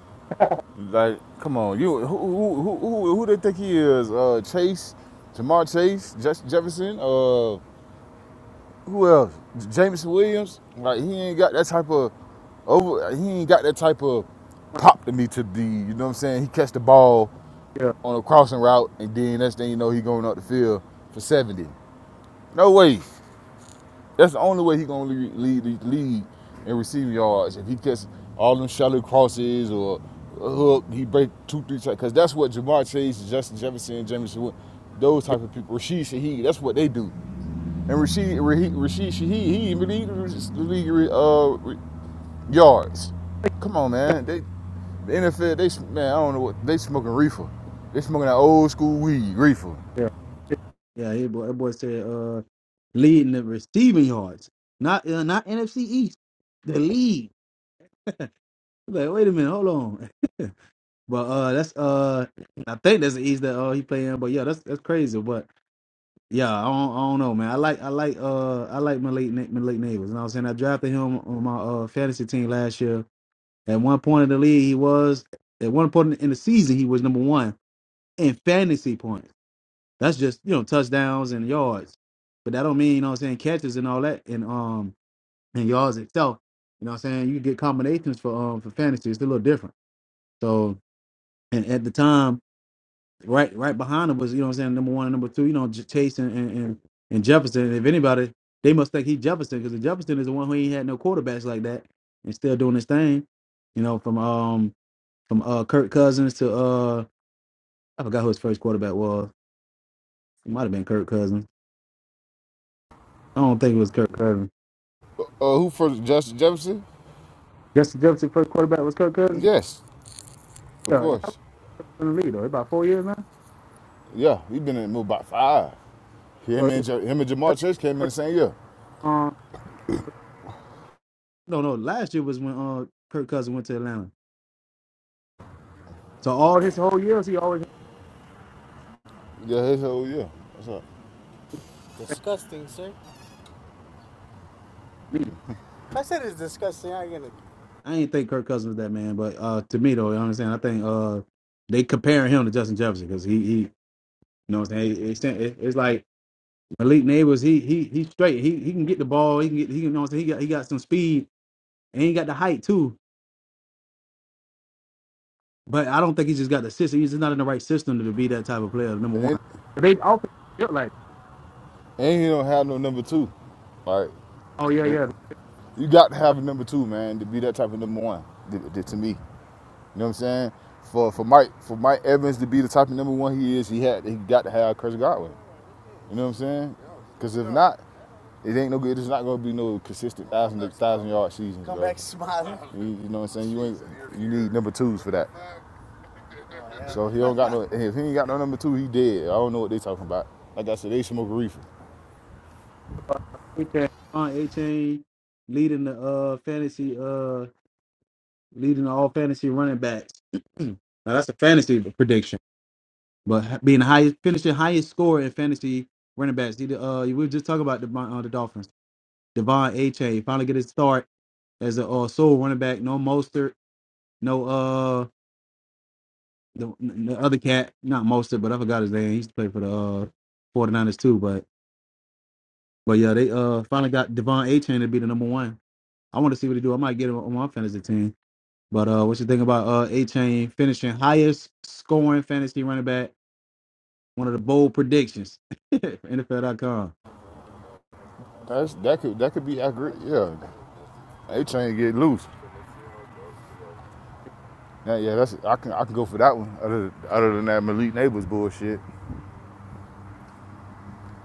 Like, come on, you who who who, who, who they think he is? Uh, Chase, Jamar Chase, Jess Jefferson. Uh, who else? Jameson Williams. Like, he ain't got that type of over. He ain't got that type of pop to me to be. You know what I'm saying? He catch the ball.
Yeah,
on a crossing route, and then next thing you know, he going up the field for 70. No way. That's the only way he gonna lead, lead, lead, in receiving yards. If he gets all them shallow crosses or a hook, he break two, three, because that's what Jamar Chase, Justin Jefferson, Jameson, those
yeah,
type of people, Rashid Shaheed, that's what they do. And Rashid, Rahe- Rashid Shaheed, he even lead uh, yards. Come on, man. They the NFL, they man, I don't know what they smoking reefer. They smoking that old school weed reefer.
yeah. Yeah, hey boy, that boy said uh leading the receiving yards. Not uh, not NFC East. The lead. I'm Like, wait a minute, hold on. But uh that's uh I think that's the East that uh he playing, but yeah, that's that's crazy. But yeah, I don't, I don't know, man. I like I like uh I like Malik Na- Malik Neighbors. You know what I'm saying? I drafted him on my uh fantasy team last year. At one point in the league he was at one point in the season he was number one in fantasy points. That's just, you know, touchdowns and yards. But that don't mean, you know what I'm saying, catches and all that and um and yards itself. You know what I'm saying? You get combinations for um for fantasy. It's a little different. So and at the time, right right behind him was, you know what I'm saying, number one and number two, you know, J- Chase and and, and, and Jefferson. And if anybody, they must think he Jefferson, because Jefferson is the one who ain't had no quarterbacks like that and still doing his thing. You know, from um from uh Kirk Cousins to uh I forgot who his first quarterback was. It might have been Kirk Cousins. I don't think it was Kirk Cousins.
Uh, who for Justin Jefferson?
Justin Jefferson first quarterback was Kirk Cousins.
Yes, of
Yeah, how
course.
long was he in the league though? About four years now.
Yeah, he been in the move about five.
So
Him
it
and Ja- him and
was
Jamar Chase came in the
first,
same year.
um no no last year was when uh Kirk Cousins went to Atlanta. So all his whole years he always
Yeah, his whole year. That's up.
had me. I ain't think Kirk Cousins was that man, but uh to me though, you know what I'm saying? I think uh they comparing him to Justin Jefferson because he he you know what I'm saying it's, it's like Malik Neighbors he he he's straight. He he can get the ball, he can get he you know what I'm saying he got he got some speed and he got the height too. But I don't think he's just got the system. He's just not in the right system to be that type of player. Number one,
And
they often look like,
and he don't have no number two. Like,
oh yeah,
nope.
yeah,
You got to have a number two, man, to be that type of number one. To me, you know what I'm saying? For for Mike for Mike Evans to be the type of number one he is, he had he got to have Chris Godwin. You know what I'm saying? Because if not, it ain't no good. It's not gonna be no consistent thousand thousand yard seasons, bro. You, you know what I'm saying? You ain't you need number twos for that. Yeah. So he don't got no if he ain't got no number two, he dead. I don't know what they talking about. Like I said, they smoke a reefer.
A-Chain, on A-Chain leading the uh fantasy, uh leading all fantasy running backs. now that's a fantasy prediction, but ha- being the highest, finishing highest score in fantasy running backs. He, the, uh, we were just talking about the uh, the Dolphins. Devon A-Chain finally get his start as a uh, sole running back. No Mostert, no uh, the, the other cat, not Mostert, but I forgot his name. He used to play for the uh, 49ers too. But but yeah, they uh finally got Devon A Chain to be the number one. I want to see what he do. I might get him on my fantasy team. But uh, what you think about uh A Chain finishing highest scoring fantasy running back? One of the bold predictions. NFL.com.
That's that could that could be accurate. Yeah, they trying to get loose. Yeah, yeah, that's I can I can go for that one. Other other than that Malik Neighbors bullshit,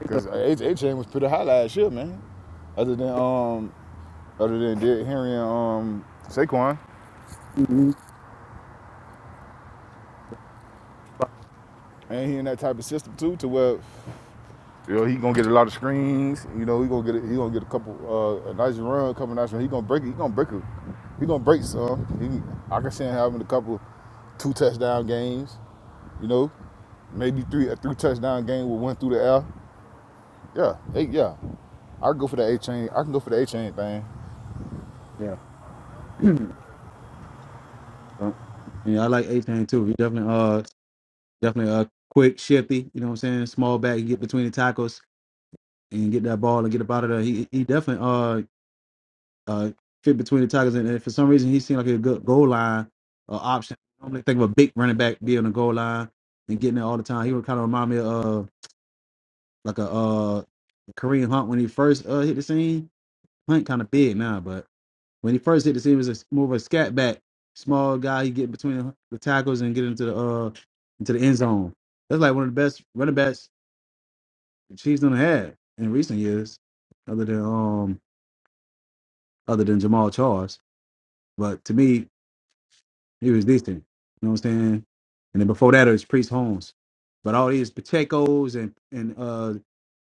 because H chain was pretty high last year, man. Other than um other than Derrick Henry and um Saquon,
hmm
and he in that type of system too, to where You know, he gonna get a lot of screens. You know, he gonna get a, he gonna get a couple uh, a nice run, a couple nice run. He gonna break it. He gonna break it. He gonna break some. He, I can see him having a couple two touchdown games. You know, maybe three a three touchdown game with one through the air. Yeah, eight. Yeah, I can go for the A chain. I can go for the A chain thing.
Yeah. So, yeah, I like 18 too. He definitely uh definitely uh quick, shifty, you know what I'm saying? Small back, you get between the tackles and get that ball and get up out of there. He he definitely uh uh, fit between the tackles, and if for some reason he seemed like a good goal line uh, option. I normally think of a big running back being on the goal line and getting there all the time. He would kind of remind me of uh, like a uh, Kareem Hunt when he first uh, hit the scene. Hunt kind of big now, but when he first hit the scene, he was a, more of a scat back, small guy. He get between the, the tackles and get into the uh, into the end zone. That's like one of the best running backs the Chiefs done had in recent years, other than um other than Jamal Charles. But to me, He was decent. You know what I'm saying? And then before that it was Priest Holmes. But all these Pacheco's and and uh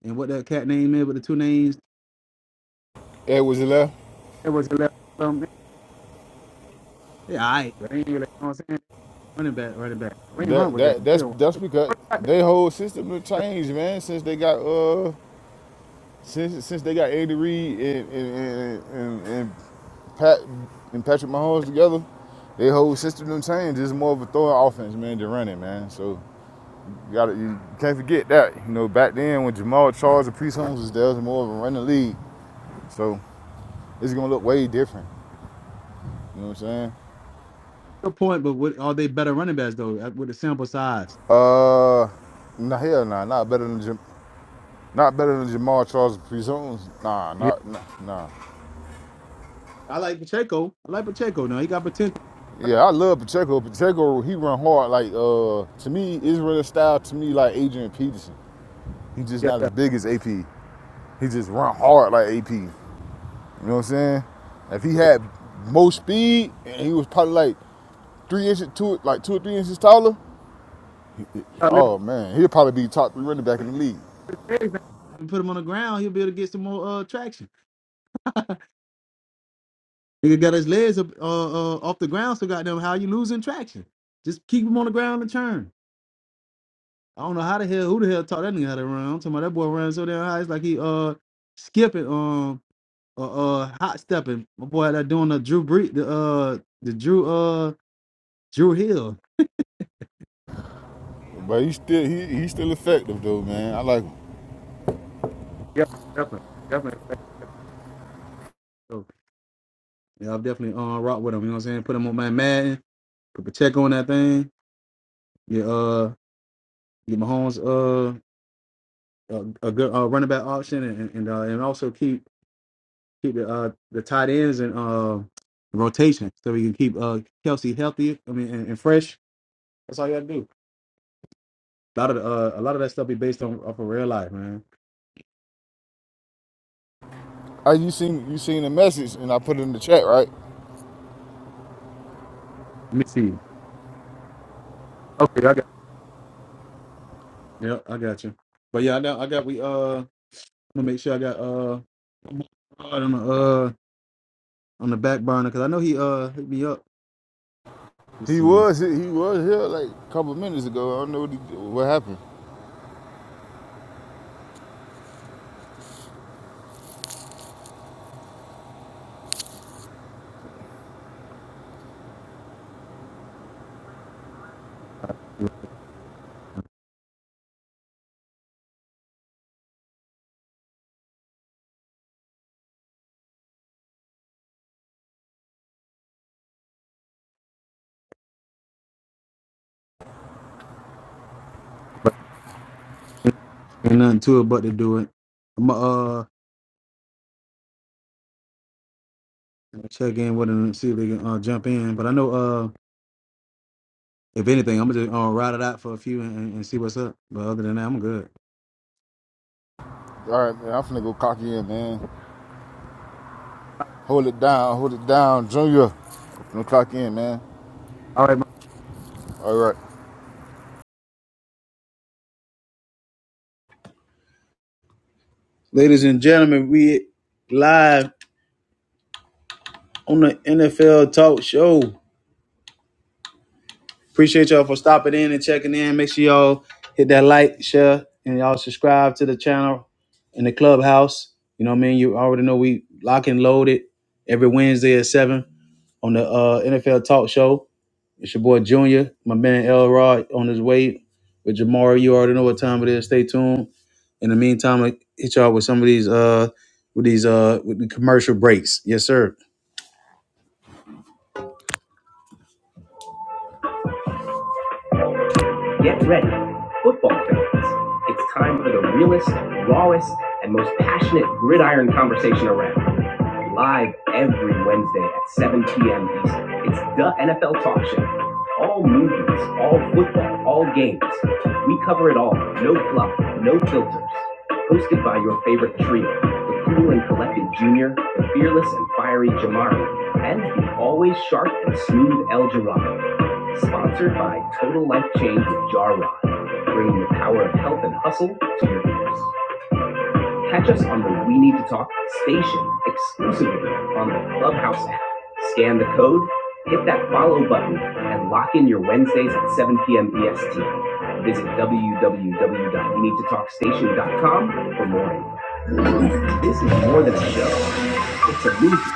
and what that cat name is with the two names.
Edwards left.
That was the left um, yeah, all right, but they ain't really, you know what I'm saying? Running back, running back. Wayne Hunt
That
was
that
that
that's
deal.
that's because
Got
they whole system has changed, man. Since they got uh since since they got Andy Reid and and, and, and, Pat and Patrick Mahomes together, their whole system done changed. It's more of a throwing offense, man, than running, man. So you got to you can't forget that. You know, back then when Jamal Charles and Priest Holmes was there, it was more of a running league. So it's gonna look way different. You know what I'm saying?
Good point, but what are they better running backs though uh, with the sample size?
Uh, nah, hell nah, not better than Jam- not better than Jamal Charles and Priest Holmes. Nah,
Yeah.
not nah, nah.
I like Pacheco. I like Pacheco now. He got potential.
Yeah, I love Pacheco. Pacheco, he run hard. Like uh, to me, Israel style to me like Adrian Peterson. He's just
Yeah.
not as big as AP. He just run hard like AP. You know what I'm saying? If he had more speed and he was probably like three inches, two like two or three inches taller,
Start lifting
oh man, he'd probably be top three running back in the league.
his legs now and put him on the ground, he'll be able to get some more uh traction. Nigga got his legs up uh, uh, off the ground, so goddamn how you losing traction. Just keep him on the ground and turn. I don't know how the hell who the hell taught that nigga how to run. I'm talking about that boy running so damn high, it's like he uh skipping um uh, uh hot stepping. My boy that doing the Drew Brees, the uh the Drew uh Drew Hill.
But he's still he he's still effective though, man. I like him.
Yep, definitely, definitely. So, yeah, I'll definitely uh rock with him. You know what I'm saying? Put him on my Madden. Put Pacheco on that thing. Yeah, uh get Mahomes uh a, a good uh, running back option and and, uh, and also keep keep the uh the tight ends and uh rotation so we can keep uh Kelsey healthy. I mean and, and fresh. That's all you gotta do. A lot of the, uh a lot of that stuff be based on off of real life, man.
I, you seen you seen the message and I put it in the chat, right?
Let me see. Okay, I got. Yeah, I got you. But yeah, I got I got we uh I'm gonna make sure I got uh on the uh on the back burner because I know he uh hit me up. Let's
He
see,
was he was here like a couple of minutes ago. I don't know what, he, what happened.
but ain't nothing to it but to do it. I'm uh check in with him and see if they can uh jump in. But I know uh. If anything, I'm gonna just uh, ride it out for a few and, and see what's up. But other than that, I'm good.
All right, man. I'm finna go clock in, man. Hold it down. Hold it down, Junior. I'm gonna clock in, man.
All right, man.
All right.
Ladies and gentlemen, we live on the NFL Talk Show. Appreciate y'all for stopping in and checking in. Make sure y'all hit that like, share, and y'all subscribe to the channel and the clubhouse. You know what I mean? You already know we lock and load it every Wednesday at 7. on the uh, NFL Talk Show. It's your boy Junior, my man Elrod on his way with Jamari. You already know what time it is. Stay tuned. In the meantime, I hit y'all with some of these uh with these uh with the commercial breaks. Yes, sir. Get ready, football fans. It's time for the realest, rawest, and most passionate gridiron conversation around. Live every Wednesday at 7 p.m. Eastern. It's the NFL Talk Show. All movies, all football, all games. We cover it all. No fluff, no filters. Hosted by your favorite trio, the cool and collected Junior, the fearless and fiery Jamari, and the always sharp and smooth El Jirado. Sponsored by Total Life Change with Jar Rod, bringing the power of health and hustle to your ears. Catch us on the We Need to Talk station exclusively on the Clubhouse app. Scan the code, hit that follow button, and lock in your Wednesdays at 7 p.m. EST. Visit www.weneedtotalkstation.com for more info. This is more than a show, it's a movie.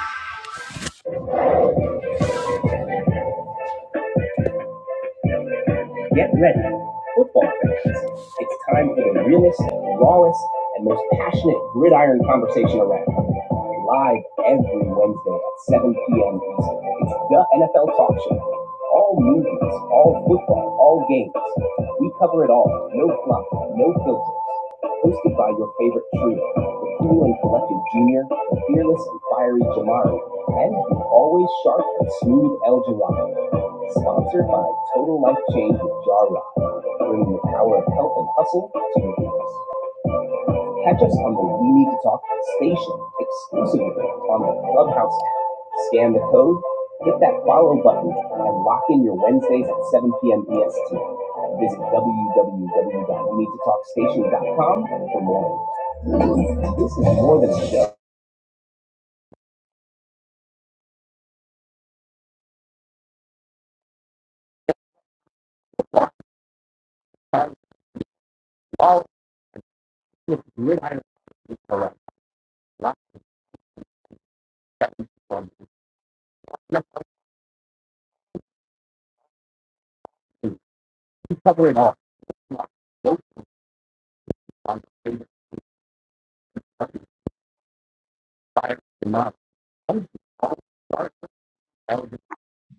Get ready, football fans. It's time for the realest, rawest, and most passionate gridiron conversation around. Live every Wednesday at 7 p.m. Eastern. It's the NFL Talk Show. All movies, all football, all games. We cover it all. No fluff, no filters hosted by your favorite trio, the cool and collected Junior, the fearless and fiery Jamari, and the always sharp and smooth El Jawadi. Sponsored by Total Life Change with Jar Rock, bringing the power of health and hustle to your ears. Catch us on the We Need to Talk station exclusively on the Clubhouse app. Scan the code, hit that follow button, and lock in your Wednesdays at 7 p.m. EST. Visit www.weneedtotalkstation.com for more. This is more than a joke. All if you iron correct, not from nothing. You cover it all.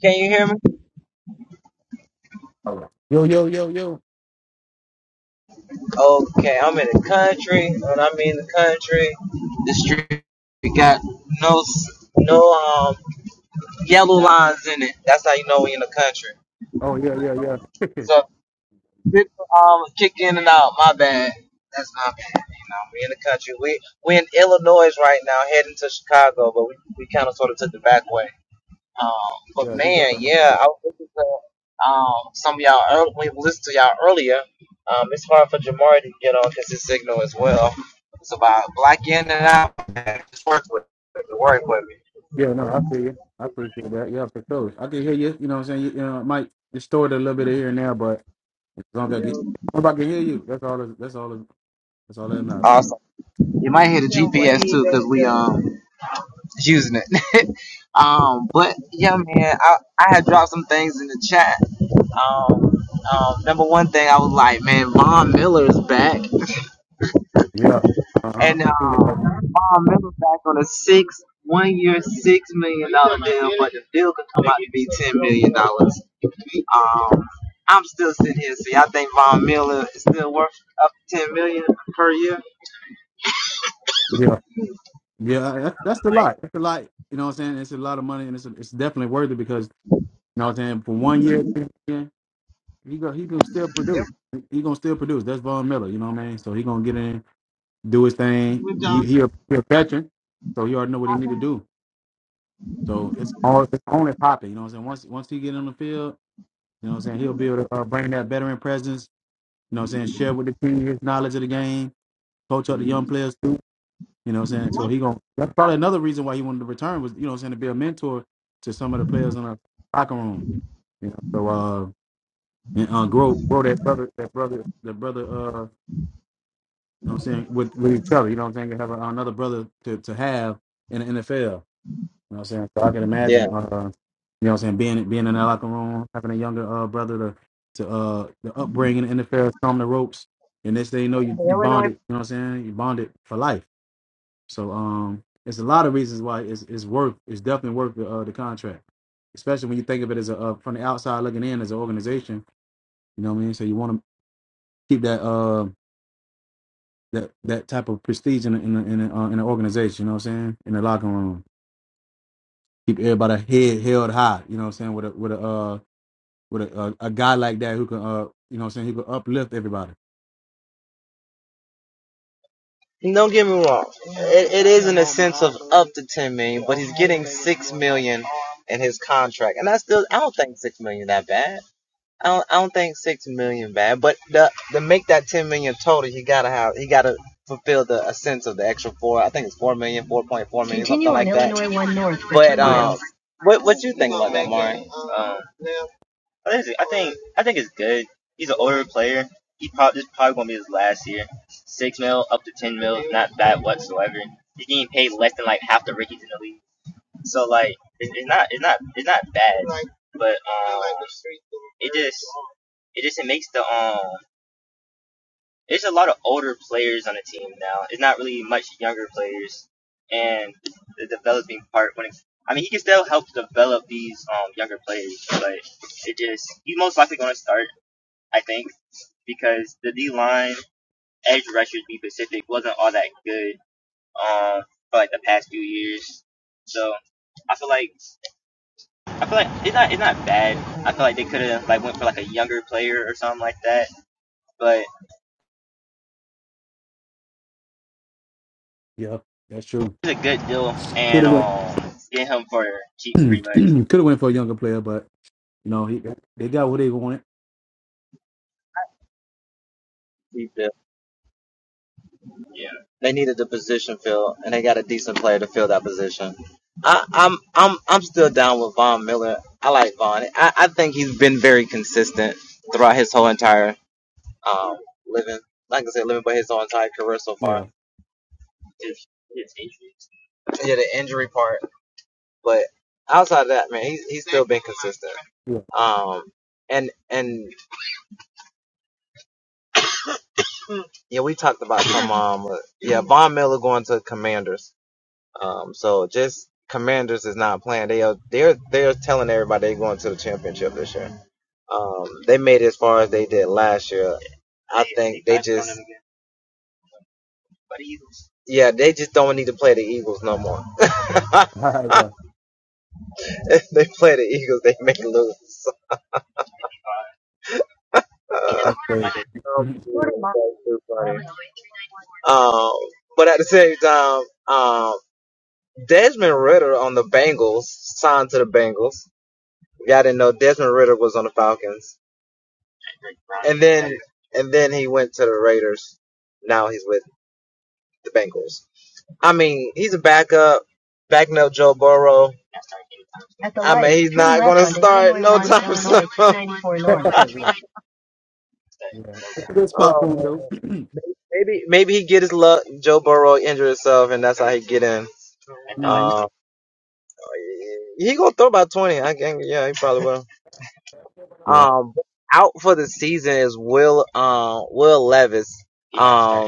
Can you hear me?
Yo, yo, yo, yo.
Okay, I'm in the country. When I mean the country, the street we got no no um yellow lines in it. That's how you know we in the country.
Oh yeah, yeah, yeah.
So people um kick in and out. My bad. That's my bad. You know, we in the country. We we in Illinois right now, heading to Chicago, but we, we kind of sort of took the back way. Um, but
yeah, you got
man,
that.
yeah, I was listening to um, some of y'all earlier. We listened to y'all earlier. Um, it's hard for Jamari to get on because his signal as well. It's about black in and out. Man, it Just work with it. Work with me.
Yeah, no, I feel you. I appreciate that. Yeah, for sure. I can hear you. You know what I'm saying? You, you know, it might distort a little bit of here and there, but as long as I, get, as long as I can hear you, that's all. That's all. That's all that matters.
Awesome. You might hear the GPS too because we um is using it. um, but yeah, man, I I had dropped some things in the chat. Um, um, number one thing I was like, man, Von Miller is back.
Yeah. Uh
And uh,
huh.
Bob Miller back on a six one year six million dollar deal, but the deal could come out to be ten million dollars. Um, I'm still sitting here. See, I think Von Miller is still worth up to ten million per year.
Yeah. Yeah, that, that's a
Like
lot. That's a lot. You know what I'm saying? It's a lot of money, and it's it's definitely worth it because you know what I'm saying. For one year, yeah, he go he can still produce. He gonna still produce. That's Von Miller. You know what I mean? So he gonna get in, do his thing.
with
He
John.
he a, he a veteran, so he already know what he need to do. So it's all it's only popping. You know what I'm saying? Once once he get on the field, you know what I'm saying. He'll be able to uh, bring that veteran presence. You know what I'm saying? Share with the team his knowledge of the game. Coach up the young players You know what I'm saying? So he going that's probably another reason why he wanted to return was, you know what I'm saying, to be a mentor to some of the players in our locker room. You know, so uh and, uh grow grow that brother that brother that brother uh you know what I'm saying with, with each other, you know what I'm saying, to have a, another brother to, to have in the NFL. You know what I'm saying? So I can
Yeah.
imagine uh you know what I'm saying, being being in that locker room, having a younger uh brother to to uh the upbringing in the NFL, thumb the ropes, and next thing you know you, you bonded, you know what I'm saying? You bonded for life. So um, it's a lot of reasons why it's, it's worth it's definitely worth the uh, the contract, especially when you think of it as a uh, from the outside looking in as an organization. You know what I mean? So you want to keep that uh that that type of prestige in a, in a, in, a, uh, in an organization. You know what I'm saying? In the locker room, keep everybody head held high. You know what I'm saying? With a with a uh with a, a, a guy like that who can uh you know what I'm saying he could uplift everybody.
Don't get me wrong. It, it is in a sense of up to ten million, but he's getting six million in his contract, and I still I don't think six million that bad. I don't, I don't think six million bad, but the, to make that ten million total, he gotta have he gotta fulfill the a sense of the extra four. I think it's four million, four point four million, something like that. Continue on But um,
Yeah,
what what you think about that, Mark?
yeah, that's true. Could have went could have went for a younger player, but you know he they got what they wanted.
They needed the position filled, and they got a decent player to fill that position. I, I'm I'm I'm still down with Von Miller. I like Von. I, I think he's been very consistent throughout his whole entire um living. Like I said, living by his whole entire career so far.
Yeah.
Yeah, the injury part. But outside of that, man, he's he's still been consistent. Um, and and yeah, we talked about some um, uh, yeah, Von Miller going to Commanders. Um, so just Commanders is not playing. They are they're they're telling everybody they're going to the championship this year. Um, they made it as far as they did last year. I think they just yeah, they just don't need to play the Eagles no more.
Ah, yeah,
if they play the Eagles, they may lose.
yeah, that's crazy. yeah,
Pretty much. Um, but at the same time, um, Desmond Ritter on the Bengals signed to the Bengals. Y'all didn't know Desmond Ritter was on the Falcons, and then and then he went to the Raiders. Now he's with the Bengals. I mean, he's a backup, backing up Joe Burrow. At the I mean, light, he's turn not left going to on start no Highway time soon. ninety-four North.
yeah. That's a good spot
Oh,
for him
man.
though.
maybe maybe he get his luck. Joe Burrow injured himself, and that's how he get in.
hmm
Uh, he gonna throw about twenty. I can, yeah, he probably will.
Yeah,
Um, out for the season is Will um Will Levis. Um,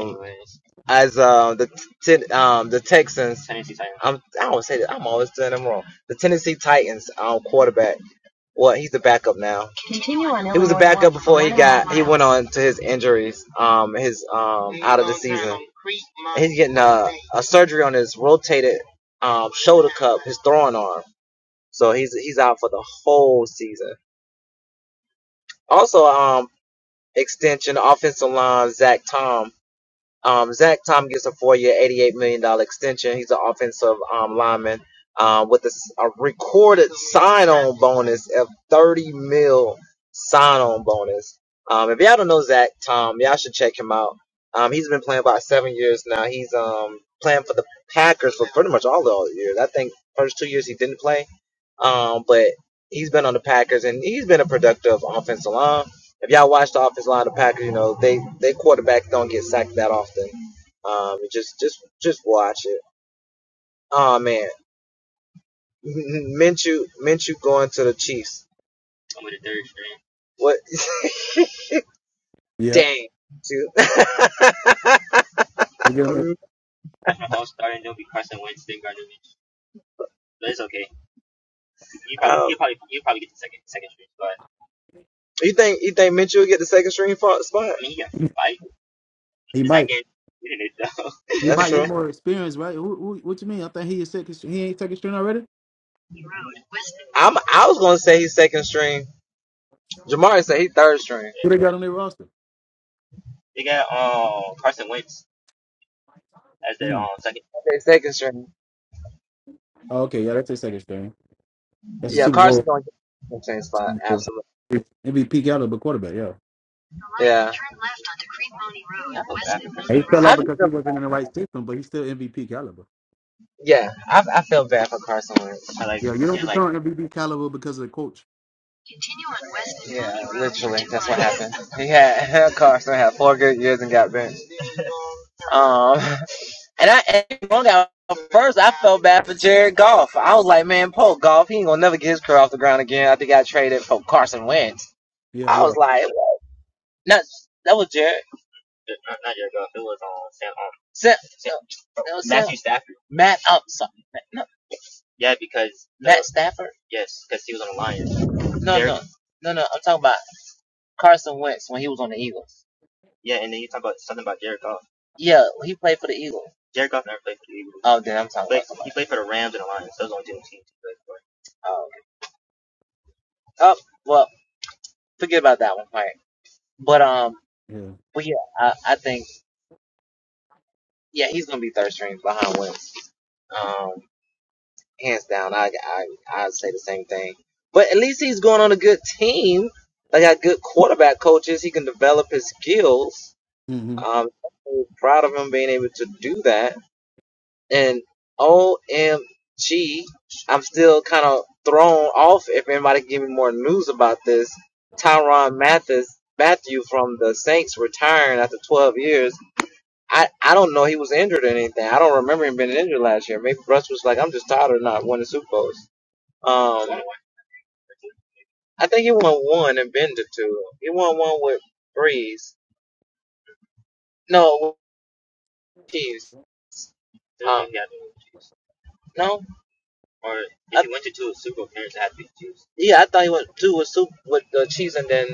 as um the t- um the Texans. I am i do say that. I'm always doing them wrong. The Tennessee Titans um, quarterback. Well, he's the backup now. He was a backup before he got he went on to his injuries. Um, his um out of the season. He's getting a, a surgery on his rotated um shoulder cup, his throwing arm. So he's he's out for the whole season. Also, um. extension, offensive line, Zach Tom. Um, Zach Tom gets a four-year, $88 million dollars extension. He's an offensive um, lineman um, with a a recorded sign-on bonus of 30 mil sign-on bonus. Um, if y'all don't know Zach Tom, y'all should check him out. Um, he's been playing about seven years now. He's um, playing for the Packers for pretty much all the years. I think first two years he didn't play, um, but he's been on the Packers and he's been a productive offensive line if y'all watch the offensive line of the Packers, you know they they quarterbacks don't get sacked that often. Um, just just just watch it. Oh man, Minshew Minshew going to the Chiefs. What?
yeah.
Dang, dude.
You get him?
um, stream. you think you think Minshew will get the second stream spot? I
He might. He
That's
might
true.
get more experience, right? Who, who, what you mean? I think he is second. string- He ain't second string already.
I'm I was gonna say he's second stream. Jamari said he's third stream.
Who they got on their roster? Mm.
Okay, second stream.
Oh, okay, yeah, that's his second string. That's a
Yeah,
Super
Carson's
Bowl
gonna get the second string spot. Absolutely.
MVP caliber quarterback. Yeah,
Yeah. Turn left onto Creed-Money Road.
And he fell out
I just
because he
feel-
wasn't in the right system, but he's still MVP caliber.
yeah, I I feel bad for Carson Wentz.
Yeah, you don't become MVP caliber because of the coach.
Continue on West Yeah, Road, literally, that's what happened. He had Carson had four good years and got benched. Um, and I and one guy, first I felt bad for Jared Goff. I was like, man, Paul Goff, he ain't gonna never get his career off the ground again. I think I traded for Carson Wentz.
Yeah,
I was
yeah,
like, no, that was Jared. Sam, Sam, that was Matthew Sam. Stafford. Matt, oh, sorry, No. Yeah, because Matt Stafford. No, no, no, no. I'm talking about Carson Wentz when he was on the Eagles. Yeah, he played for the Eagles. Jared Oh, then I'm talking about somebody. Oh, oh well, forget about that one. All right. But um,
yeah.
well, yeah, I, I think yeah he's gonna be third string behind Wentz. Um, hands down, I I I'd say the same thing. But at least he's going on a good team. They got good quarterback coaches. He can develop his skills.
hmm
Um, I'm so proud of him being able to do that. and O M am still kind of thrown off. If anybody give me more news about this, Tyron Mathis Matthew from the Saints retiring after 12 years. I, I don't know he was injured or anything. I don't remember him being injured last year. Maybe Russ was like, I'm just tired of not winning Super Bowls. Um, I think he won one and been to two. He won one with Breeze. No, Chiefs. Um, no. yeah, I thought he went two with soup with the cheese, and then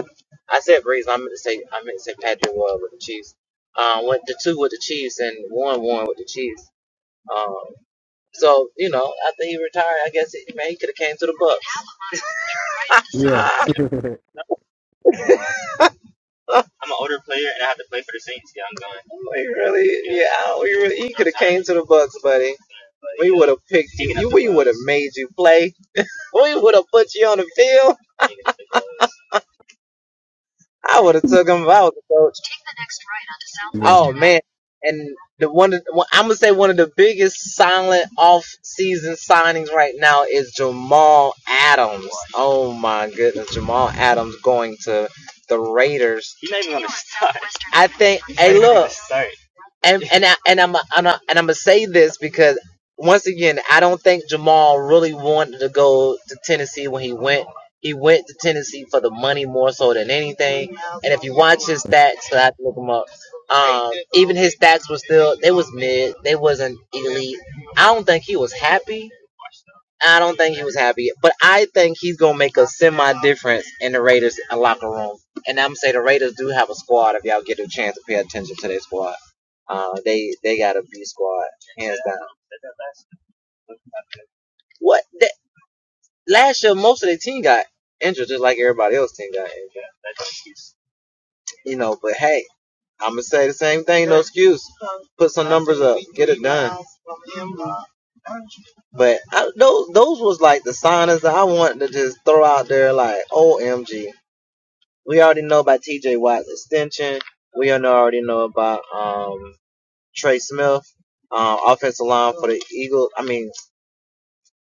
I said raisin. I meant to say I meant to say Patrick Royal with the cheese. Um, went the two with the cheese and one one with the cheese. Um, so you know, after he retired, I guess he, man he could have came to the Bucks.
Yeah.
Ah, he really, yeah, I don't- he, really, he could have came to the Bucks, buddy. We would have picked you. you we would have made you play. We would have put you on the field. I would have took him if I was a coach. Take the next right
yeah.
onto Southwestern. Oh man, and the one, of- one I'm gonna say one of the biggest silent off-season signings right now is Jamal Adams. Oh my goodness, Jamal Adams going to the Raiders. I think. Hey, look, and and I, and I'm and, I, am gonna say this because once again, I don't think Jamal really wanted to go to Tennessee when he went. He went to Tennessee for the money more so than anything. And if you watch his stats, 'cause I have to look them up. Um, even his stats were still they was mid. They wasn't elite. I don't think he was happy. I don't think he was happy, but I think he's gonna make a semi difference in the Raiders locker room. And I'm gonna say the Raiders do have a squad. If y'all get a chance to pay attention to their squad, uh, they they got a B squad hands down. What that, last year, most of their team got injured, just like everybody else team got injured. You know, but hey, I'm gonna say the same thing. No excuse. Put some numbers up, get it done. But I, those those was like the signings that I wanted to just throw out there. Like, OMG, We already know about T.J. Watt extension. We already know about um, Trey Smith, um, offensive line for the Eagles. I mean,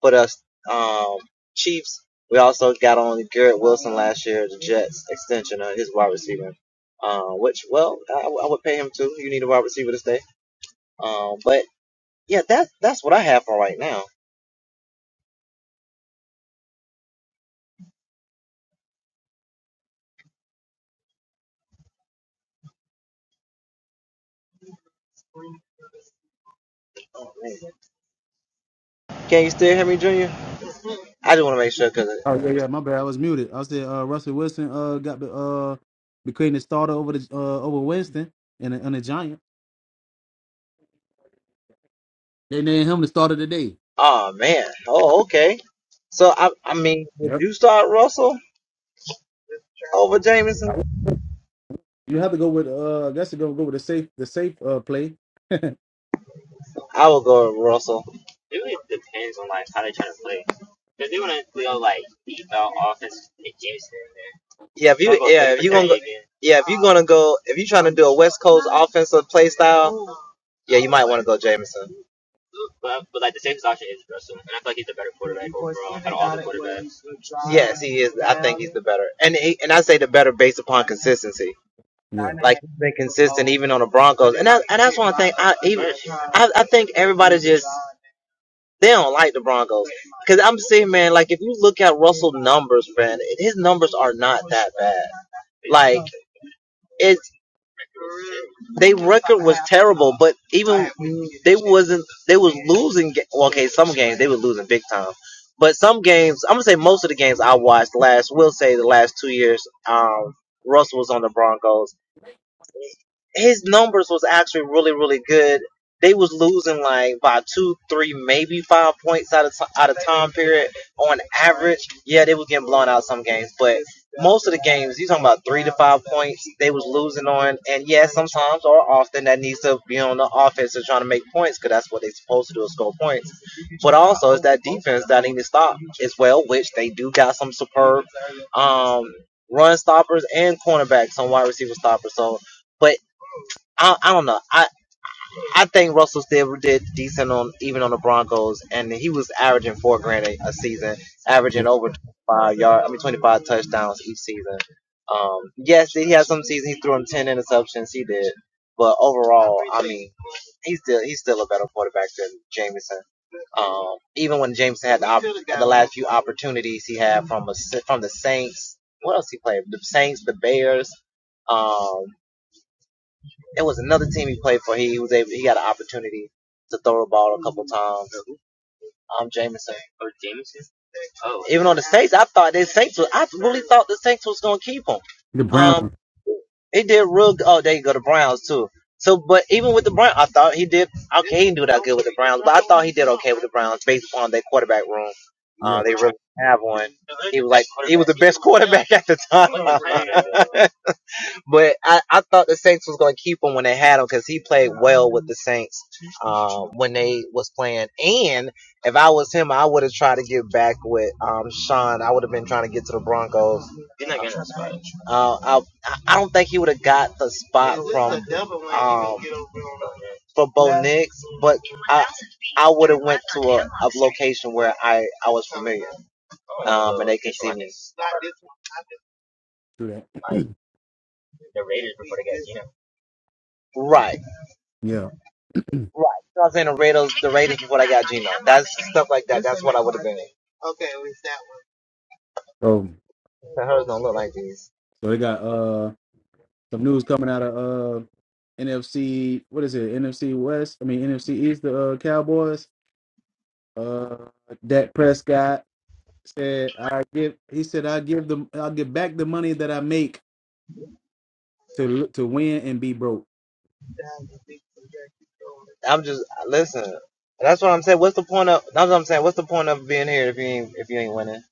for the um, Chiefs. We also got on Garrett Wilson last year, the Jets extension of his wide receiver. Uh, which, well, I, I would pay him too. You need a wide receiver to stay. Um, but yeah, that's that's what I have for right now. Oh, man. Can you still hear me, Junior? I just want to make sure because,
Oh yeah, yeah. My bad. I was muted. I said uh, Russell Wilson uh got the uh became the starter over the uh over Winston and the, and the Giants. They named him the starter today.
oh man, oh okay. So I, I mean, would
Yep.
you start Russell? over
I-
Jameson,
You have to go with uh. I guess you're gonna go with the safe the safe uh play.
I will go with Russell. Yeah, if you yeah if you gonna go, yeah if you gonna go if you trying to do a West Coast offensive play style, yeah you might want to go Jameson. Yes, he is. I think he's the better, and he, and I say the better based upon consistency.
Yeah.
Like he's been consistent even on the Broncos, and that, and that's one thing. I even I, I think everybody just they don't like the Broncos because I'm saying man, like if you look at Russell numbers, man, his numbers are not that bad. Like it, They record was terrible, but even they wasn't they was losing. ga- Well, okay, some games they were losing big time, but some games I'm gonna say most of the games I watched last, will say the last two years, um, Russell was on the Broncos his numbers was actually really really good. They was losing like by two, three, maybe five points out of ti- out of time period on average. Yeah, they was getting blown out some games, but most of the games you talking about three to five points they was losing on. And yeah, sometimes or often that needs to be on the offense and trying to make points because that's what they supposed to do is score points. But also it's that defense that need to stop as well, which they do got some superb um, run stoppers and cornerbacks on wide receiver stoppers. So. but I, I don't know. I, I think Russell still did decent on even on the Broncos, and he was averaging four grand a, a season,
yeah.
averaging over 25 yard. I mean, twenty five touchdowns each season. Um, yes, he had some seasons he threw him ten interceptions. He did, but overall, I mean, he's still he's still a better quarterback than Jameson. Um, even when Jameson had the op- had the last few opportunities he had from a, from the Saints. What else he played? The Saints, the Bears. Um, it was another team he played for. He was able, he got an opportunity to throw the ball a couple times. Um, Jameson. Even on the Saints, I thought the Saints was, I really thought the Saints was going to keep him.
The
Um,
Brown.
he did real. good. Oh, there you go, the Browns too. So, but even with the Browns, I thought he did okay. He didn't do that good with the Browns, but I thought he did okay with the Browns based upon their quarterback room. Uh, they really have one. He was like he was the best quarterback at the time. But I, I thought the Saints was gonna keep him when they had him because he played well with the Saints um, when they was playing. And if I was him, I would have tried to get back with um, Sean. I would have been trying to get to the Broncos. Uh, I I don't think he would have got the spot from um, for Bo Nix, but I I would have went to a, a location where I I was familiar um, and they could see me.
True that.
Right.
Yeah.
Right. So I was saying the Raiders, the Raiders before I got Gino. That's stuff like that. That's what I would have been.
Oh,
But hers don't look like these.
so they got uh some news coming out of uh NFC. What is it? NFC West. I mean NFC East. The uh, Cowboys. Uh, Dak Prescott said, "I give." He said, "I give them. I'll give back the money that I make to to win and be broke."
I'm just listen. That's what I'm saying. What's the point of? That's what I'm saying. What's the point of being here if you ain't if you ain't winning?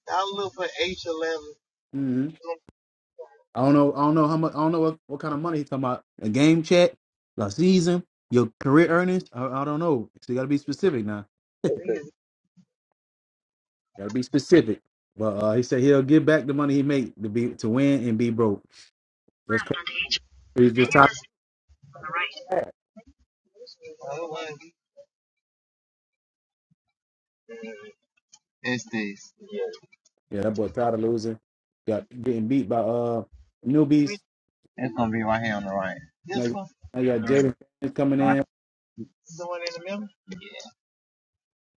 Hmm. I don't know. I don't know how much. I don't know what, what kind of money he's talking about. A game check, a season, your career earnings. I, I don't know. So you got to be specific now. Got to be specific. But uh, he said he'll give back the money he made to be to win and be broke. That's crazy. He's just tired. Yeah, that boy tired of losing. Got getting beat by uh newbies. Now, now you got Jaden Daniels coming in.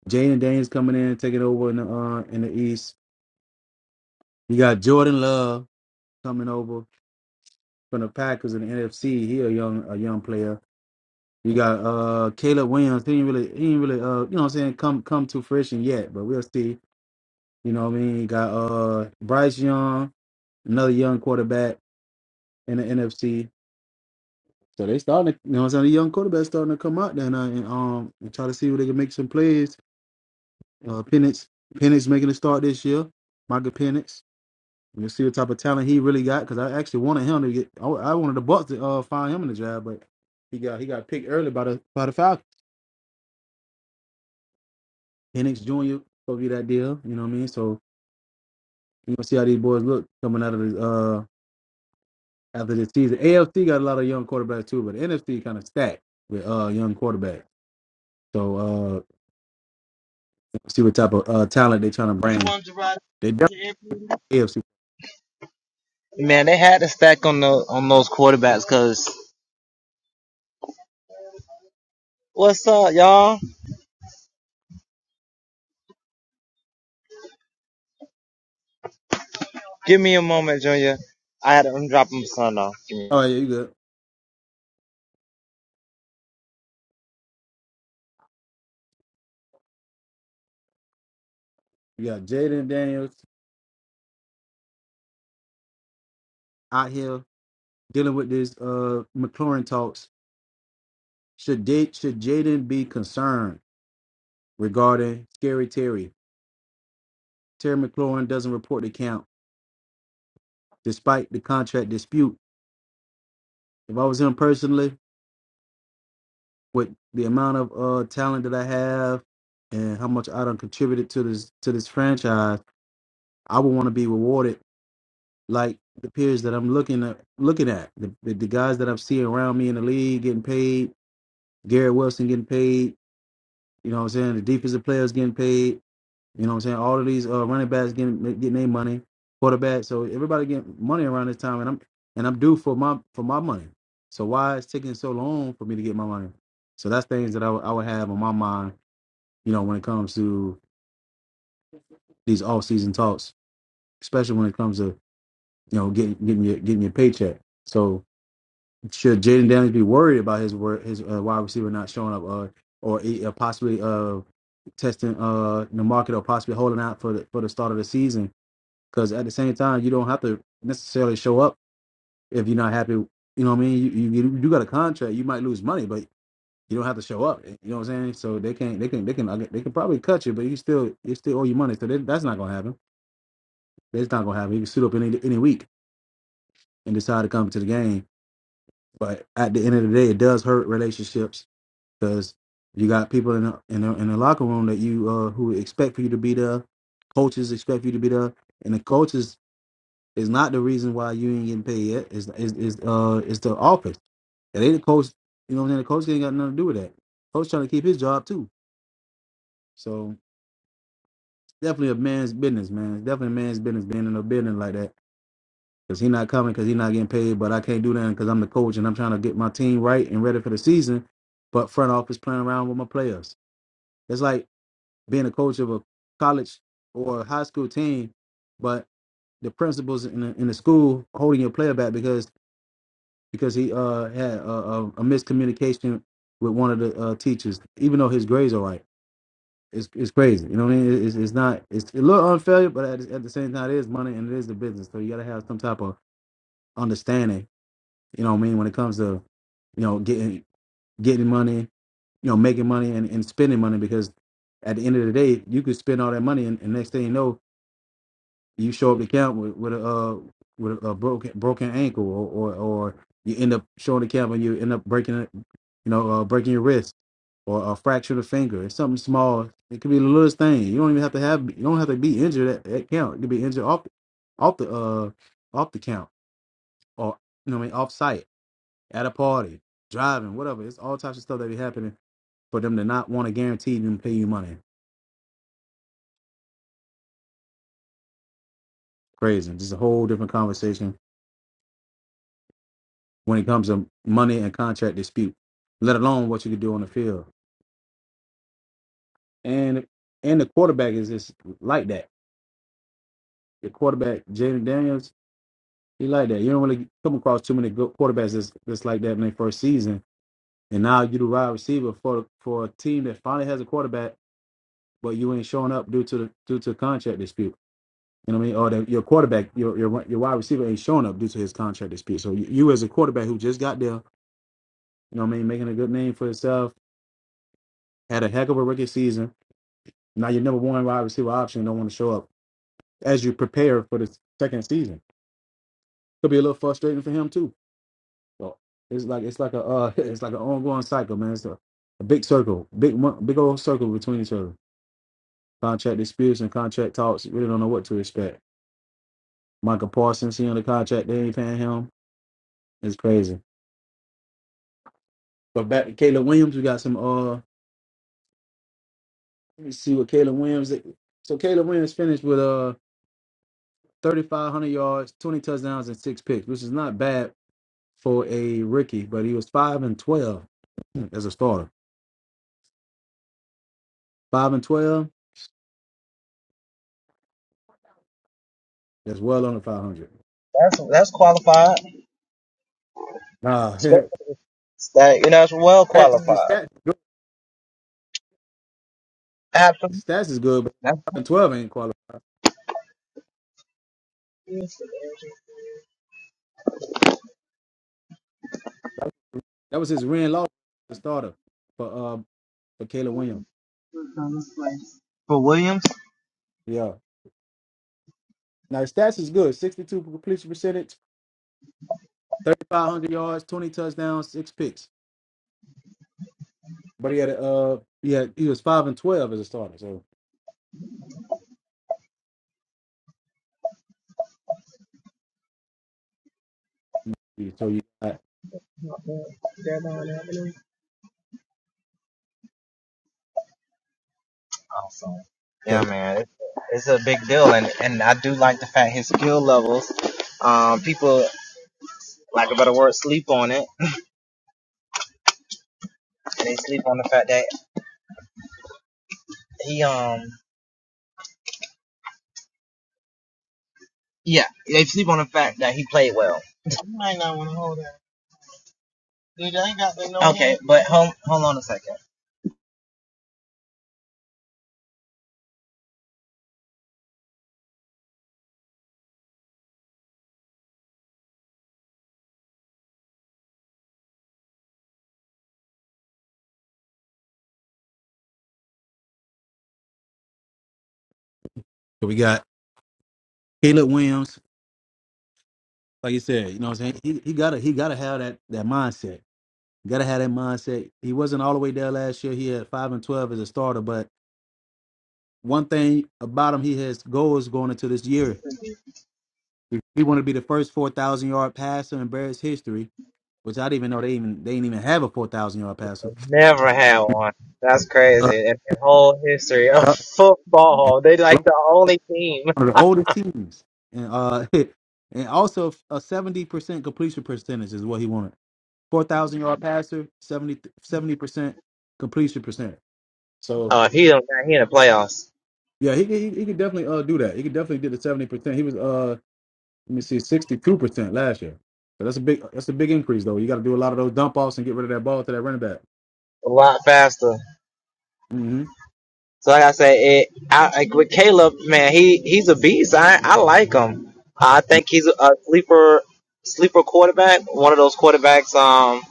Jaden Daniels coming in, taking over in the uh in the East. You got Jordan Love coming over from the Packers in the NFC. He a young a young player. You got uh Caleb Williams. He ain't really he ain't really uh you know what I'm saying come come to fruition yet, but we'll see. You know what I mean? You got uh Bryce Young, another young quarterback in the NFC. So they starting to, you know what I'm saying, the young quarterback starting to come out there now and um and try to see where they can make some plays. Uh Penix Penix making a start this year. Michael Penix. We'll see what type of talent he really got because I actually wanted him to get I, I wanted the Bucks to uh find him in the draft, but he got he got picked early by the by the Falcons. Penix Jr. supposed to be that deal. You know what I mean? So you are gonna see how these boys look coming out of the uh after this season. AFC got a lot of young quarterbacks too, but the NFC kind of stacked with uh young quarterbacks. So uh see what type of uh talent they trying to bring. They definitely AFC.
Man, they had to stack on the on those quarterbacks because what's up, y'all? Give me a moment, Junior. I had to I'm dropping my son off.
Oh yeah, you good. You got Jaden Daniels out here dealing with this uh McLaurin talks. Should they, should Jaden be concerned regarding Scary Terry? Terry McLaurin doesn't report the count despite the contract dispute. If I was him personally, with the amount of uh talent that I have and how much I done contributed to this to this franchise, I would want to be rewarded like the peers that I'm looking at looking at. The, the the guys that I'm seeing around me in the league getting paid, Garrett Wilson getting paid, you know what I'm saying, the defensive players getting paid, you know what I'm saying, all of these uh running backs getting getting their money, quarterback. So everybody getting money around this time and I'm and I'm due for my for my money. So why it's taking so long for me to get my money? So that's things that I would I would have on my mind you know, when it comes to these off season talks, especially when it comes to, you know, getting getting your getting your paycheck. So should Jaden Daniels be worried about his wor- his uh, wide receiver not showing up or or e- uh, possibly uh testing uh the market or possibly holding out for the for the start of the season? Because at the same time, you don't have to necessarily show up if you're not happy. You know what I mean? You you, you you got a contract. You might lose money, but you don't have to show up. You know what I'm saying? So they can't they can they can they can probably cut you, but you still you still owe you money. So they, that's not gonna happen. That's not gonna happen. He can suit up any any week and decide to come to the game. But at the end of the day, it does hurt relationships because you got people in the, in the in the locker room that you uh who expect for you to be there. Coaches expect you to be there, and the coaches is not the reason why you ain't getting paid yet. Is is is uh is the office. It ain't the coach. You know what I'm saying? The coach ain't got nothing to do with that. Coach trying to keep his job too. So definitely a man's business, man. It's definitely a man's business being in a building like that because he's not coming because he's not getting paid. But I can't do that because I'm the coach and I'm trying to get my team right and ready for the season. But front office playing around with my players. It's like being a coach of a college or a high school team, but the principals in the, in the school holding your player back because because he uh, had a, a, a miscommunication with one of the uh, teachers, even though his grades are right. It's, it's crazy, you know what I mean? It's, it's not it's a little unfair, but at, at the same time, it is money and it is the business, so you gotta have some type of understanding You know what I mean? When it comes to, you know, getting getting money, you know, making money and, and spending money because at the end of the day, you could spend all that money and, and next thing you know, you show up to camp with, with a uh, with a, broken broken ankle or, or or you end up showing the camp and you end up breaking it, you know, uh, breaking your wrist or a fracture of the finger. It's something small. It could be the littlest thing. You don't even have to have. You don't have to be injured at, at count. You could be injured off, off the uh, off the count, or you know, what I mean, off site at a party, driving, whatever. It's all types of stuff that be happening for them to not want to guarantee them pay you money. Crazy. This is a whole different conversation when it comes to money and contract dispute, let alone what you could do on the field. And and the quarterback is just like that. The quarterback, Jaden Daniels, he like that. You don't really come across too many good quarterbacks that's, that's like that in their first season. And now you the wide receiver for for a team that finally has a quarterback, but you ain't showing up due to the due to contract dispute. You know what I mean? Or the, your quarterback, your, your your wide receiver ain't showing up due to his contract dispute. So you, you as a quarterback who just got there, you know what I mean, making a good name for yourself, had a heck of a rookie season. Now your number one wide receiver option don't want to show up as you prepare for the second season. Could be a little frustrating for him too. So it's like it's like a uh, it's like an ongoing cycle, man. It's a, a big circle, big big old circle between each other. Contract disputes and contract talks. You Really don't know what to expect. Michael Parsons, he on the contract, they ain't paying him. It's crazy. But back to Caleb Williams, we got some. Uh, let me see what Caleb Williams. So Caleb Williams finished with uh 3,500 yards, 20 touchdowns, and six picks, which is not bad for a rookie. But he was five and 12 hmm, as a starter. Five and 12. That's well under 500.
That's that's qualified.
Nah,
That you know that's well
that's his
qualified.
stats. good.
Absolutely.
His stats is good, but
That's
five and 12 ain't qualified. That was his win loss the starter for uh for Caleb Williams.
for Williams.
Yeah. Now his stats is good. 62 completion percentage, 3,500 yards, 20 touchdowns, six picks. But he had uh he had he was five and twelve as a starter. So you- so you got, so
Yeah, man, it, it's a big deal, and and I do like the fact his skill levels. Um, people, lack of a better word, sleep on it, and they sleep on the fact that he um. Yeah, they sleep on the fact that he played well. Dude, I ain't got no okay, hand. but hold hold on a second.
so we got Caleb Williams. Like you said, you know what I'm saying? He he gotta he gotta have that that mindset. Gotta have that mindset. He wasn't all the way there last year. He had five and twelve as a starter, but one thing about him, he has goals going into this year. He wanted to be the first four thousand yard passer in Bears history, which I didn't even know they even they didn't even have a four thousand yard passer.
Never had one. That's
Uh,
crazy. In the whole history of football, they
yeah.
like the only team.
one of the oldest teams, and uh, and also a seventy percent completion percentage is what he wanted. Four thousand yard passer, 70 percent completion percent. So
Oh, if he don't, he in the playoffs
yeah, he could- he, he could definitely uh do that. He could definitely do the seventy percent. He was uh let me see sixty two percent last year. So that's a big that's a big increase though. You got to do a lot of those dump offs and get rid of that ball to that running back.
a lot faster.
hmm
So like I said, it, I, like with Caleb, man, he he's a beast. I I like him. I think he's a sleeper sleeper quarterback. One of those quarterbacks. Um,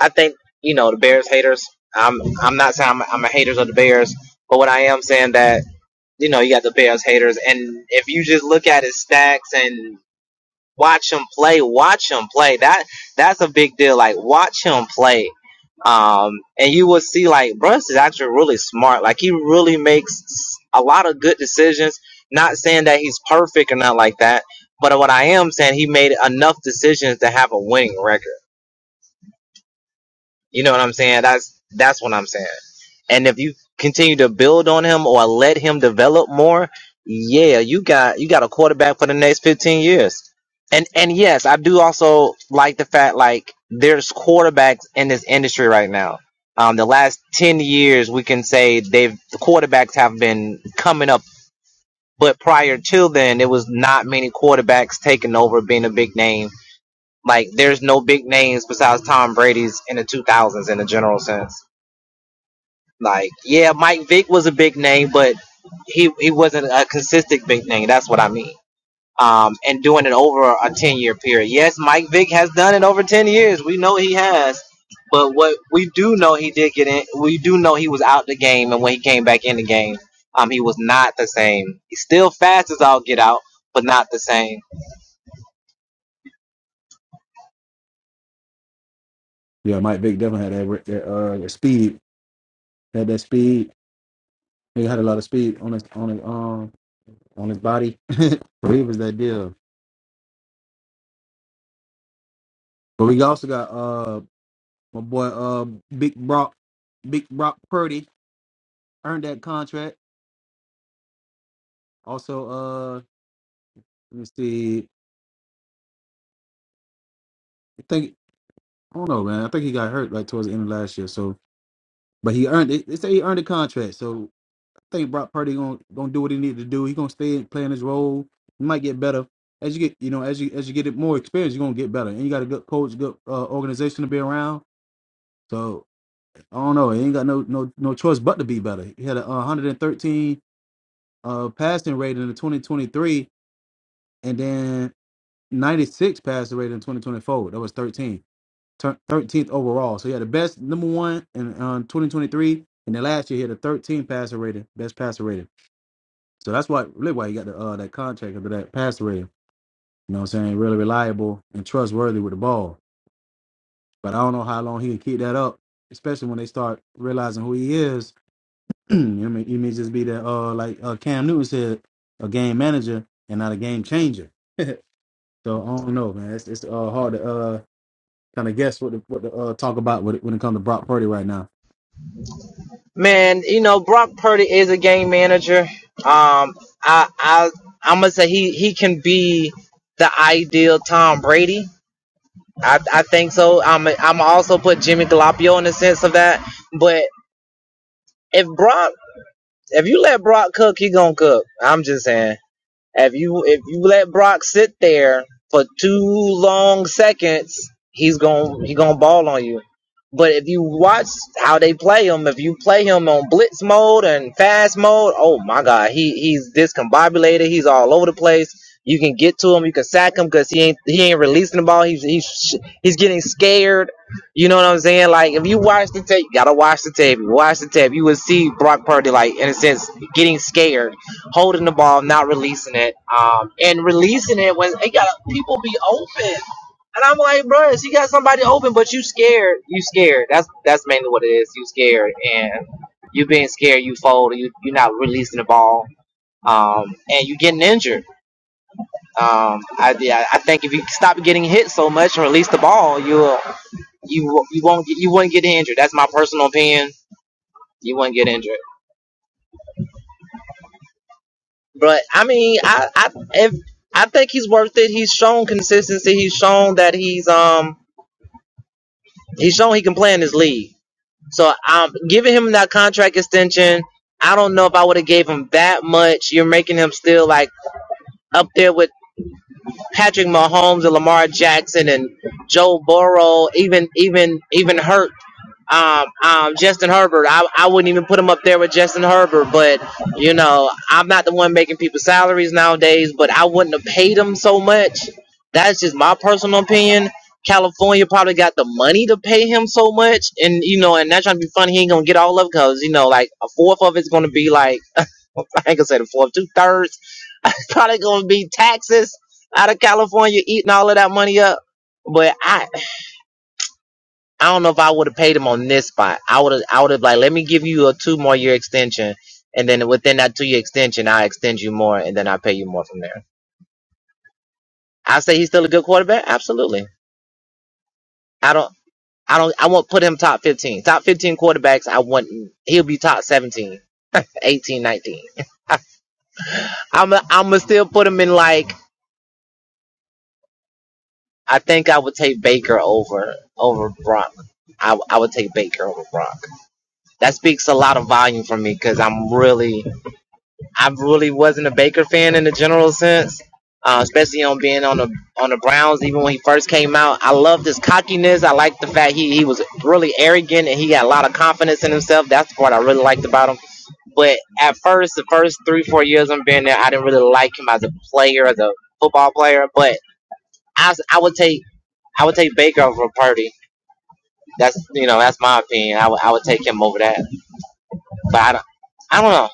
I think you know the Bears haters. I'm I'm not saying I'm, I'm a haters of the Bears, but what I am saying that you know you got the Bears haters, and if you just look at his stacks and watch him play, watch him play. That that's a big deal. Like watch him play. Um, and you will see like Bruns is actually really smart. Like he really makes a lot of good decisions. Not saying that he's perfect or not like that, but what I am saying he made enough decisions to have a winning record. You know what I'm saying? That's that's what I'm saying. And if you continue to build on him or let him develop more, yeah, you got you got a quarterback for the next 15 years. And and yes, I do also like the fact like there's quarterbacks in this industry right now. Um, the last 10 years, we can say they've the quarterbacks have been coming up, but prior to then, it was not many quarterbacks taking over being a big name. Like there's no big names besides Tom Brady's in the 2000s in a general sense like, yeah, Mike Vick was a big name, but he he wasn't a consistent big name. That's what I mean. Um, and doing it over a ten year period. Yes, Mike Vick has done it over ten years. We know he has. But what we do know he did get in. We do know he was out the game, and when he came back in the game, um, he was not the same. He's still fast as all get out, but not the same.
Yeah, Mike Vick definitely had that, that uh that speed. Had that speed He had a lot of speed on his on his um on his body. so he was that deal. But we also got uh my boy uh Big Brock Big Brock Purdy earned that contract. Also uh let me see I think I don't know man I think he got hurt like towards the end of last year. So but he earned it. They say he earned a contract. So I think Brock Purdy gonna gonna do what he needed to do. He gonna stay and playing his role. He might get better. As you get, you know, as you as you get it more experience, you're gonna get better, and you got a good coach, good uh, organization to be around. So I don't know. He ain't got no no no choice but to be better. He had a uh, 113 uh passing rate in the 2023, and then 96 passing rate in 2024. That was 13, 13th overall. So he had the best number one in uh, 2023, and then last year he had a 13 passer rating, best passer rating. So that's why really why he got the uh that contract under that passer rating. You know what I'm saying? Really reliable and trustworthy with the ball. But I don't know how long he can keep that up, especially when they start realizing who he is I mean, it may just be that, uh, like uh, Cam Newton said, a game manager and not a game changer. so I don't know, man. It's, it's uh, hard to uh, kind of guess what to, what to uh, talk about when it, when it comes to Brock Purdy right now.
Man, you know, Brock Purdy is a game manager. Um, I, I, I'm gonna say he, he can be the ideal Tom Brady. I, I think so. I'm, I'm also put Jimmy Garoppolo in the sense of that. But if Brock, if you let Brock cook, he gonna cook. I'm just saying. If you if you let Brock sit there for two long seconds, he's going he gonna ball on you. But if you watch how they play him, if you play him on blitz mode and fast mode, oh my God, he he's discombobulated. He's all over the place. You can get to him, you can sack him because he ain't he ain't releasing the ball. He's he's he's getting scared. You know what I'm saying? Like if you watch the tape, you gotta watch the tape. Watch the tape. You will see Brock Purdy like in a sense getting scared holding the ball, not releasing it, um, and releasing it when it got people be open. And I'm like, bruh, you got somebody open, but you scared. You scared. That's that's mainly what it is. You scared, and you being scared, you fold. You you're not releasing the ball, um, and you getting injured. Um, I yeah, I think if you stop getting hit so much and release the ball, you'll you you won't get, you wouldn't get injured. That's my personal opinion. You wouldn't get injured. But I mean, I I if I think he's worth it. He's shown consistency. He's shown that he's um he's shown he can play in this league. So um giving him that contract extension, I don't know if I would have gave him that much. You're making him still like up there with. Patrick Mahomes and Lamar Jackson and Joe Burrow, even even even Hurt, um, um, Justin Herbert. I, I wouldn't even put him up there with Justin Herbert, but you know I'm not the one making people's salaries nowadays. But I wouldn't have paid him so much. That's just my personal opinion. California probably got the money to pay him so much, and you know, and that's trying to be funny. He ain't gonna get all of it because you know, like a fourth of it's gonna be like. I ain't gonna say the fourth, two thirds. It's probably gonna be taxes out of California eating all of that money up. But I, I don't know if I would have paid him on this spot. I would have, I would have like, let me give you a two more year extension, and then within that two year extension, I extend you more, and then I pay you more from there. I say he's still a good quarterback. Absolutely. I don't, I don't, I won't put him top fifteen. Top fifteen quarterbacks, I wouldn't. He'll be top 171819 I'm, a, I'm gonna still put him in like I think I would take Baker over over Brock. I, I would take Baker over Brock. That speaks a lot of volume for me because I'm really I really wasn't a Baker fan in the general sense, uh, especially on being on the on the Browns. Even when he first came out, I loved his cockiness. I liked the fact he he was really arrogant and he had a lot of confidence in himself. That's the part I really liked about him. But at first, the first three four years I'm being there, I didn't really like him as a player, as a football player, but I, s- I would take I would take Baker over Purdy. That's you know that's my opinion. I would I would take him over that. But I don't I don't know.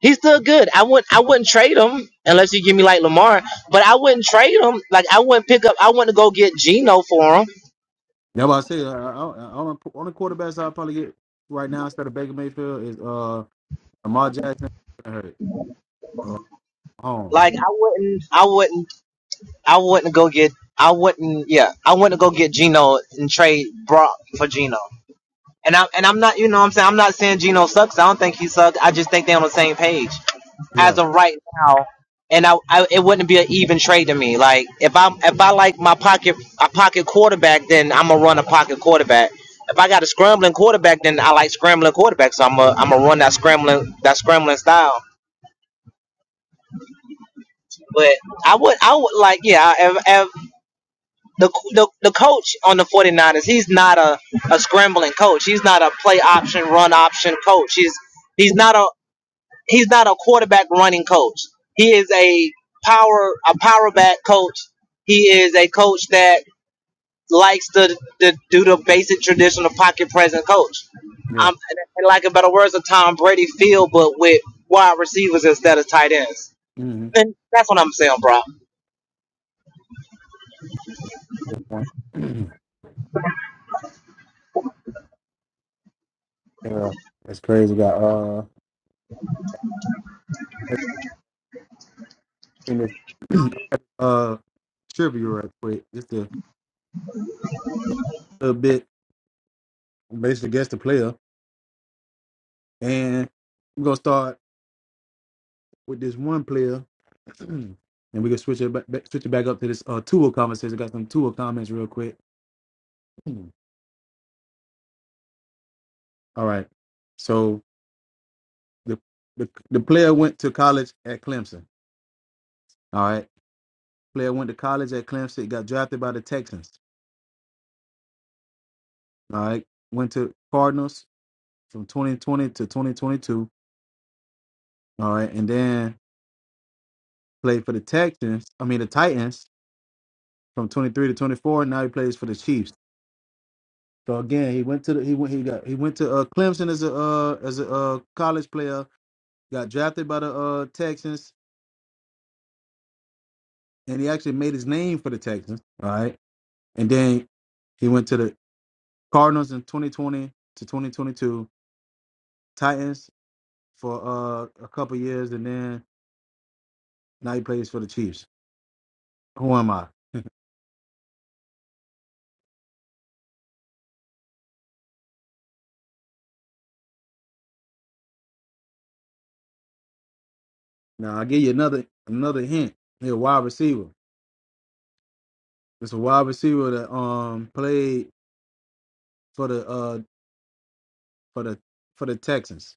He's still good. I wouldn't I wouldn't trade him unless you give me like Lamar. But I wouldn't trade him. Like I wouldn't pick up. I wouldn't go get Geno for him.
That's why I say uh, I- I- on the on the quarterbacks I'll probably get right now instead of Baker Mayfield is uh Lamar Jackson and Hurts. Uh, Holmes.
Like I wouldn't I wouldn't I wouldn't go get I wouldn't yeah I wouldn't go get Geno and trade Brock for Geno. And I'm and I'm not you know what I'm saying I'm not saying Geno sucks. I don't think he sucks. I just think they're on the same page. as
Yeah,
of right now, and I, I it wouldn't be an even trade to me. Like if I'm if I like my pocket a pocket quarterback, then I'm gonna run a pocket quarterback. If I got a scrambling quarterback, then I like scrambling quarterbacks. So I'm a I'm gonna run that scrambling that scrambling style. But I would I would like yeah if, if the, the the coach on the 49ers he's not a, a scrambling coach. He's not a play option run option coach. He's he's not a he's not a quarterback running coach. He is a power a power back coach. He is a coach that likes to, to do the basic traditional pocket present coach.
yeah.
I'm and like in better words, a Tom Brady feel, but with wide receivers instead of tight ends.
hmm
And that's what I'm saying, bro.
yeah, that's crazy. Got uh, in this, uh trivia right quick, just a little bit. basically guess the player. And we're gonna start with this one player, and we can switch it back, back- switch it back up to this uh Tua conversation. Got some Tua comments real quick. All right. So the, the the player went to college at Clemson. All right. Player went to college at Clemson. Got drafted by the Texans. All right. Went to Cardinals from 2020 to 2022. All right. And then played for the Texans. I mean the Titans from 23 to 24. Now he plays for the Chiefs. So again, he went to the, he went he got he went to uh, Clemson as a uh, as a uh, college player. Got drafted by the uh, Texans, and he actually made his name for the Texans. All right, and then he went to the Cardinals in 2020 to 2022, Titans for uh, a couple years, and then now he plays for the Chiefs. Who am I? Now I will give you another another hint. He's a wide receiver. It's a wide receiver that um played for the uh for the for the Texans.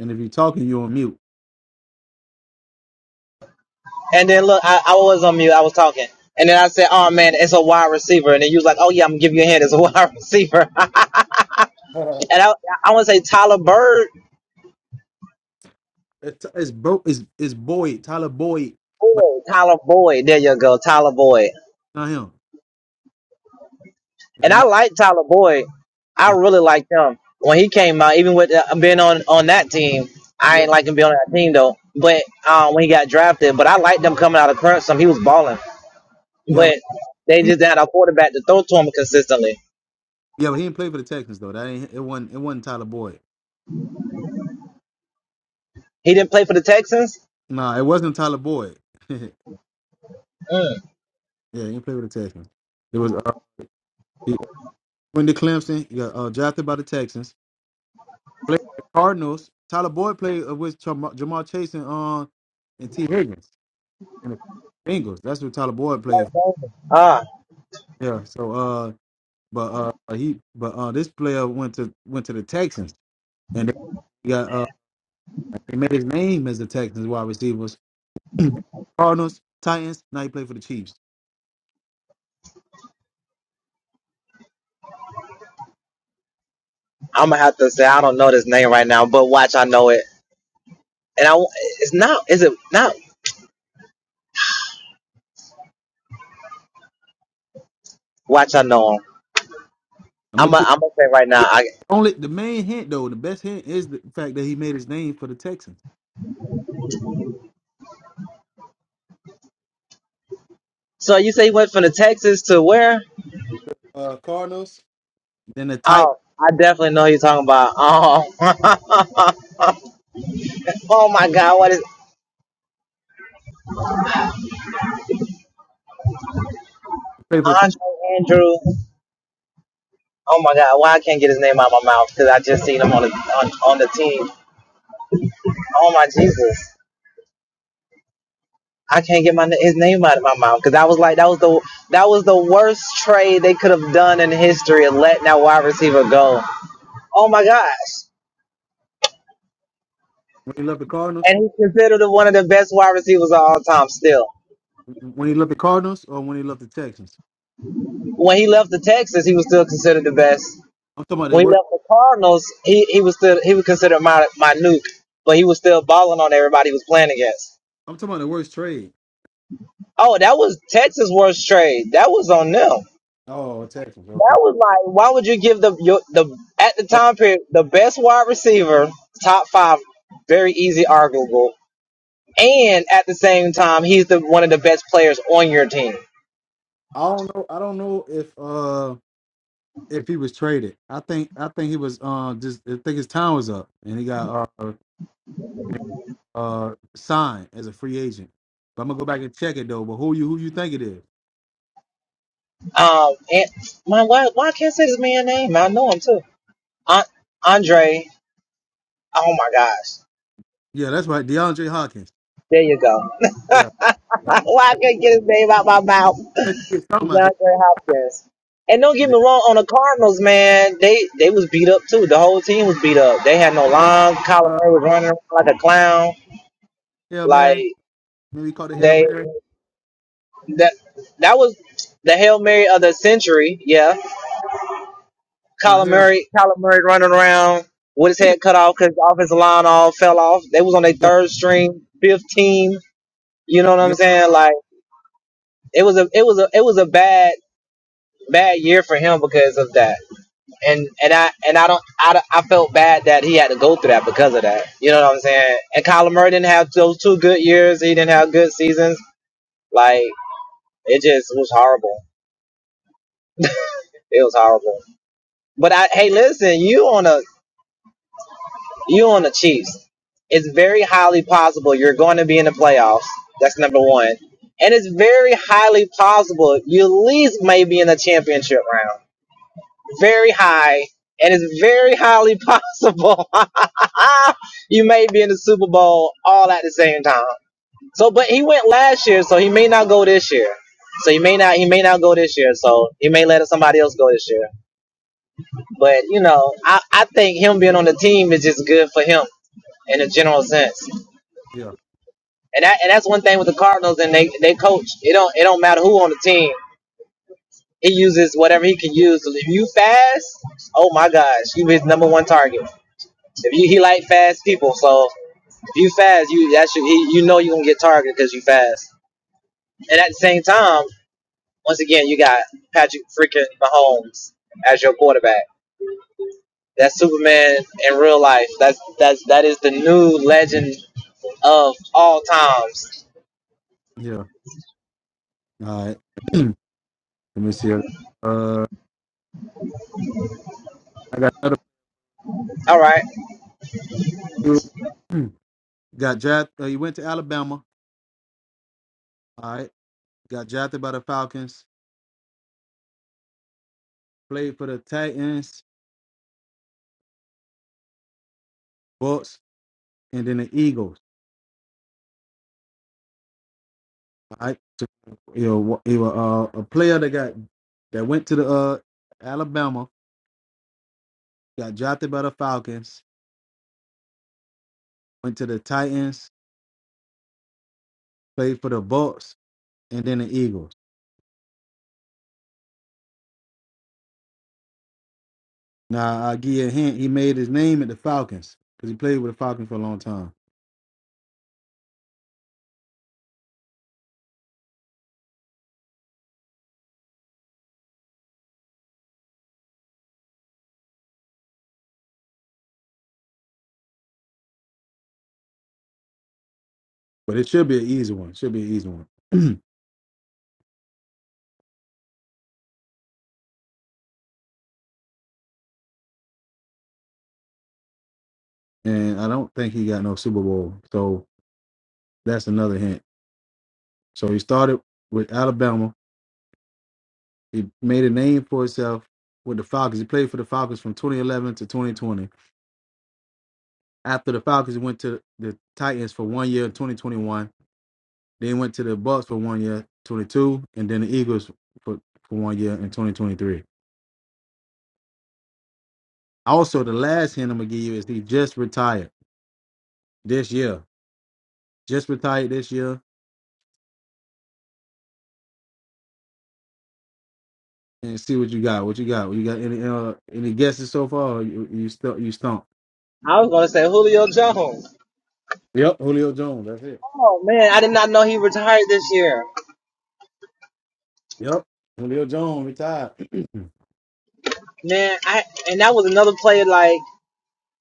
And if you're talking, you're on mute.
And then look, I, I was on mute. I was talking. And then I said, "Oh man, it's a wide receiver." And then you was like, "Oh yeah, I'm gonna give you a hand. It's a wide receiver." and I, I want to say Tyler Bird
It's, it's bro. It's it's Boyd, Tyler Boyd, but
Boyd, Tyler Boyd. There you go, Tyler Boyd.
it's not him. It's
And I
not.
like Tyler Boyd. I
him.
really like him when he came out. Even with uh, being on on that team, I
Yeah.
ain't like him being on that team though. But um, when he got drafted, but I liked him coming out of Clemson. he was balling,
Yeah, but
but they
he,
just had a quarterback to throw to him consistently.
yeah, but he didn't play for the Texans though. That ain't it. wasn't It wasn't Tyler Boyd.
He didn't play for the Texans.
Nah, it wasn't Tyler Boyd. yeah, he didn't play for the Texans. It was uh, he went to Clemson. He got uh, drafted by the Texans. Played for the Cardinals. Tyler Boyd played uh, with Jamal, Jamal Chase and uh, and T Higgins and the Bengals. That's what Tyler Boyd played.
Ah,
For. Yeah. So uh, but uh, he but uh, this player went to went to the Texans. And they got uh they made his name as the Texans wide receivers. Cardinals, Titans, now he played for the Chiefs.
I'm gonna have to say I don't know this name right now, but watch I know it. And I it's not is it not watch I know him.
I'm
I'm
gonna
i am i
give
gonna say right now. I,
only the main hint though, the best hint is the fact that he made his name for the Texans.
so you say he went from the Texans to where?
Uh Cardinals. Then the
Oh,
Titans
I definitely know who you're talking about. Um, oh my God, what is
played for the Card-
Andre Andrew? Oh my God, why I can't get his name out of my mouth? Because I just seen him on the on, on the team. Oh my Jesus, I can't get my his name out of my mouth because I was like that was the that was the worst trade they could have done in history of letting that wide receiver go. Oh my gosh.
when he left the Cardinals.
And he's considered one of the best wide receivers of all time still.
When he left the Cardinals or when he left the Texans.
When he left the Texas, he was still considered the best.
I'm talking about the
When he
worst
left the Cardinals, he, he was still he was considered my my nuke, but he was still balling on everybody he was playing against.
I'm talking about the worst trade.
Oh, that was Texas' worst trade. That was on them.
Oh Texans,
That
okay.
was like, why would you give the your, the at the
Uh,
time period the best wide receiver, top five, very easy arguable, and at the same time he's the one of the best players on your team.
I don't know I don't know if uh if he was traded. I think I think he was uh just I think his time was up and he got uh uh sign as a free agent. But I'm gonna go back and check it though. But who you who you think it is?
Um, and my why why can't I say this man's name? I know him too. Andre. Oh my gosh,
Yeah, that's right, DeAndre Hopkins.
there you go.
Yeah,
Why I couldn't get his name out my mouth.
let's get something out of it.
DeAndre Hopkins. And don't get
Yeah,
me wrong, on the Cardinals, man, they they was beat up too. The whole team was beat up. They had no
remember,
line. Kyler
uh,
Murray was running around like a clown.
Hail
Like
Mary. Maybe we call it Hail
they
Mary.
that that was the hail mary of the century. Yeah,
Uh,
Kyler
Hail.
Murray, Kyler Murray running around with his head cut off because the offensive line all fell off. They was on their
Yeah,
third string, fifth team. You know what I'm
yeah,
saying? Like it was a it was a it was a bad bad year for him because of that. and and I and I don't I, I felt bad that he had to go through that because of that. You know what I'm saying? And Kyler Murray didn't have those two good years. He didn't have good seasons. Like it just was horrible. It was horrible. But I hey, listen, you on a you on the Chiefs. It's very highly possible you're going to be in the playoffs. That's number one. And it's very highly possible you at least may be in the championship round. very high, and it's very highly possible you may be in the Super Bowl all at the same time. So, but he went last year, so he may not go this year. So he may not he may not go this year. So he may let somebody else go this year. But you know, I, I think him being on the team is just good for him in a general sense.
yeah,
And that and that's one thing with the Cardinals and they they coach. It don't it don't matter who on the team. He uses whatever he can use. If you fast, oh my gosh, you his number one target. If you he like fast people, so if you fast, you that should he, you know you gonna get targeted because you fast. And at the same time, once again, you got Patrick freaking Mahomes as your quarterback. That's Superman in real life. That's that's that is the new legend of all times.
yeah. All right. Let me see. Uh, I got another.
All right,
dude. got drafted. Uh, he went to Alabama. All right. Got drafted by the Falcons. Played for the Titans, Bucks, and then the Eagles. I you know he was uh, a player that got that went to the uh, Alabama, got drafted by the Falcons, went to the Titans, played for the Bucks, and then the Eagles. Now I will give you a hint. He made his name at the Falcons because he played with the Falcons for a long time. But it should be an easy one. Should be an easy one. and I don't think he got no Super Bowl. So that's another hint. So he started with Alabama. He made a name for himself with the Falcons. He played for the Falcons from 2011 to 2020 after the Falcons went to the Titans for one year, 2021. Then went to the Bucks for one year, 22, and then the Eagles for, for one year in 2023. Also, the last hint I'm gonna give you is he just retired this year. Just retired this year, and see what you got. What you got? You got any uh, any guesses so far? or You you stump. You stump.
I was gonna say Julio Jones.
Yep, Julio Jones. That's it.
Oh man, I did not know he retired this year.
Yep, Julio Jones retired.
Man, I and that was another player like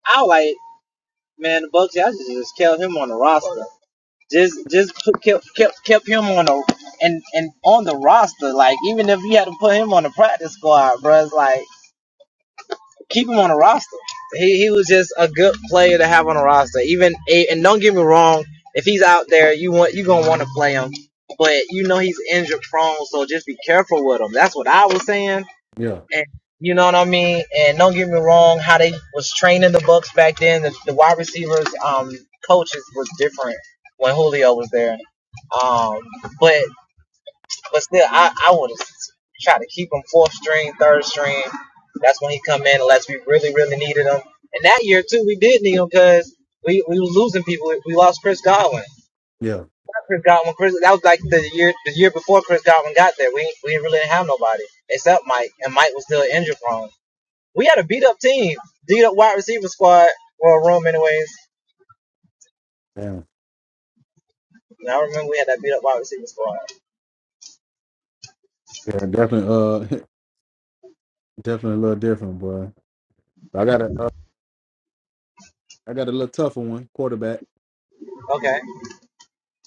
I like man the Bucks. I just just kept him on the roster. just just put, kept kept kept him on the and and on the roster. Like even if you had to put him on the practice squad, bro, it's like keep him on the roster. He he was just a good player to have on the roster. Even and don't get me wrong, if he's out there, you want you gonna want to play him, but you know he's injured prone, so just be careful with him. That's what I was saying.
yeah,
And you know what I mean? And don't get me wrong, how they was training the Bucks back then, the, the wide receivers, um, coaches was different when Julio was there. Um, but but still, I I would try to keep him fourth string, third string. That's when he come in unless we really really needed him. And that year too, we did need him because we we was losing people. We lost Chris Godwin.
yeah,
Not Chris Godwin, Chris. That was like the year the year before Chris Godwin got there. We we really didn't really have nobody except Mike, and Mike was still injury prone. We had a beat up team, beat up wide receiver squad. Well, room anyways.
damn.
I remember we had that beat up wide receiver squad.
yeah. Definitely, uh, definitely a little different, boy. I gotta uh, I got a little tougher one, quarterback.
Okay,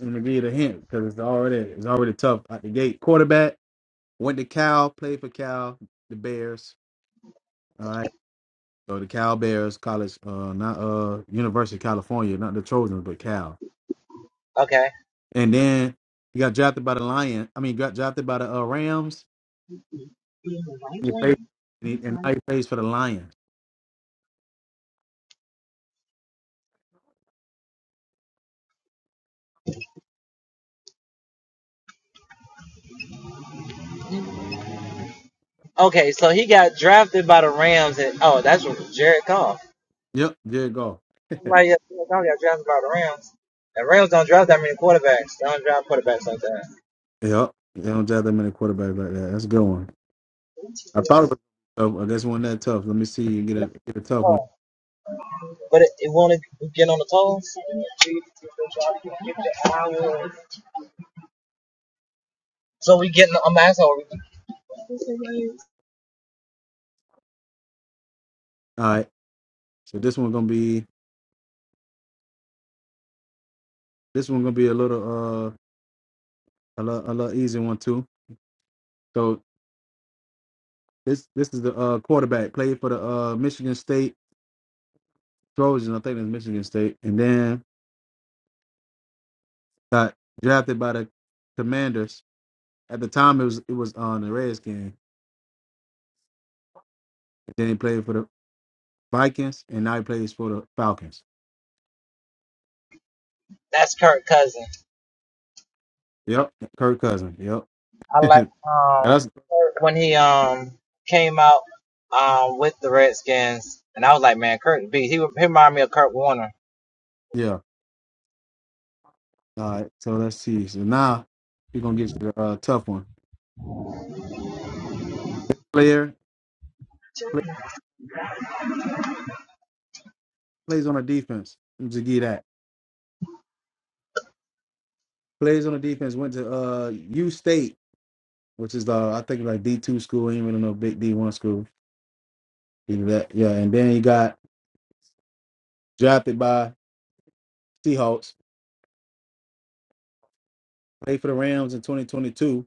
I'm gonna give you the hint because it's already it's already tough out the gate. Quarterback went to Cal, played for Cal, the Bears. All right, so the Cal Bears, college, uh, not uh, University of California, not the Trojans, but Cal.
okay,
And then he got drafted by the Lions. I mean, got drafted by the uh, Rams. And he played, and, he, and now he plays for the Lions.
okay. So he got drafted by the Rams, and oh, that's what Jared Goff.
Yep, there you go.
Somebody else Jared Goff got drafted by the Rams. And Rams don't draft that many quarterbacks. They don't draft quarterbacks like that.
Yep, they don't draft that many quarterbacks like that. That's a good one. I thought it was tough. I guess one that tough. Let me see you get a get a tough one.
Oh. But it, it won't get on the toes. So we getting. I'm asking.
All right. So this one gonna be this one gonna be a little uh a little, a little easy one too. So this this is the uh quarterback played for the uh Michigan State Trojans. I think it's Michigan State, and then got drafted by the Commanders. At the time, it was it was on the Redskins. And Then he played for the Vikings, and now he plays for the Falcons.
That's Kirk Cousins.
Yep, Kirk Cousins. Yep,
I like um
that's
Kurt when he um came out um with the Redskins, and I was like, man, Kurt B. He, he reminded me of Kurt Warner.
yeah. All right, so let's see. So now we're gonna get to the uh, tough one. Player play, plays on a defense. I'm Just give you that. Plays on the defense went to uh U State, which is the I think like D two school. He ain't really no big D one school. Either that, yeah. And then he got drafted by Seahawks. Played for the Rams in 2022.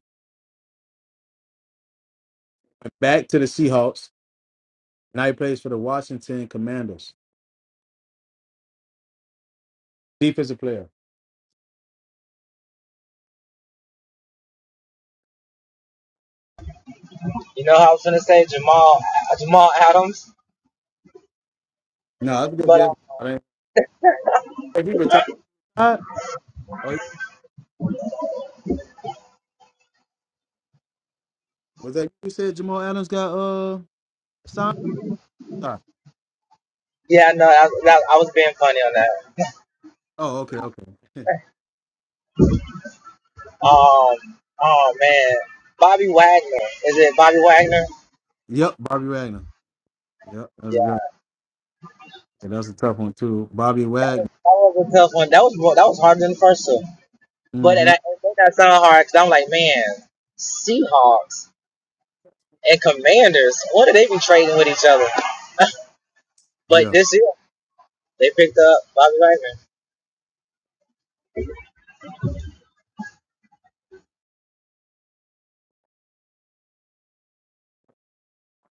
Went back to the Seahawks. Now he plays for the Washington Commanders. Defensive player.
You know, I was gonna say Jamal uh, Jamal Adams,
No, that's a good
but
guess.
um,
I mean, if he retired, Huh? oh, he- was that you said Jamal Adams got uh signed? Sorry.
yeah, no, I, that, I was being funny on that.
Oh, okay, okay.
Um, oh man, Bobby Wagner. Is it Bobby Wagner?
yep, Bobby Wagner. Yep, that's
Yeah,
good. Yeah, that's a tough one too. Bobby
that was,
Wagner.
that was a tough one. That was more- that was harder than the first two. But and
hmm
I, it made that sound hard because I'm like, man, Seahawks and Commanders. What do they be trading with each other? But this year, they picked up Bobby Wagner.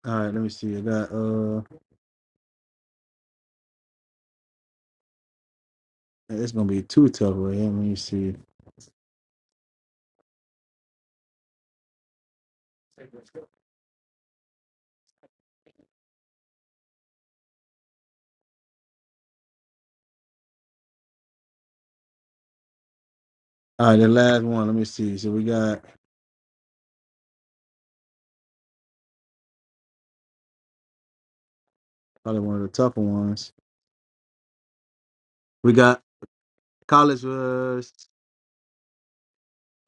All right, let me see. I got uh, it's gonna be too tough right here. Let me see. All right, the last one. Let me see. So we got probably one of the tougher ones. We got college. Uh, I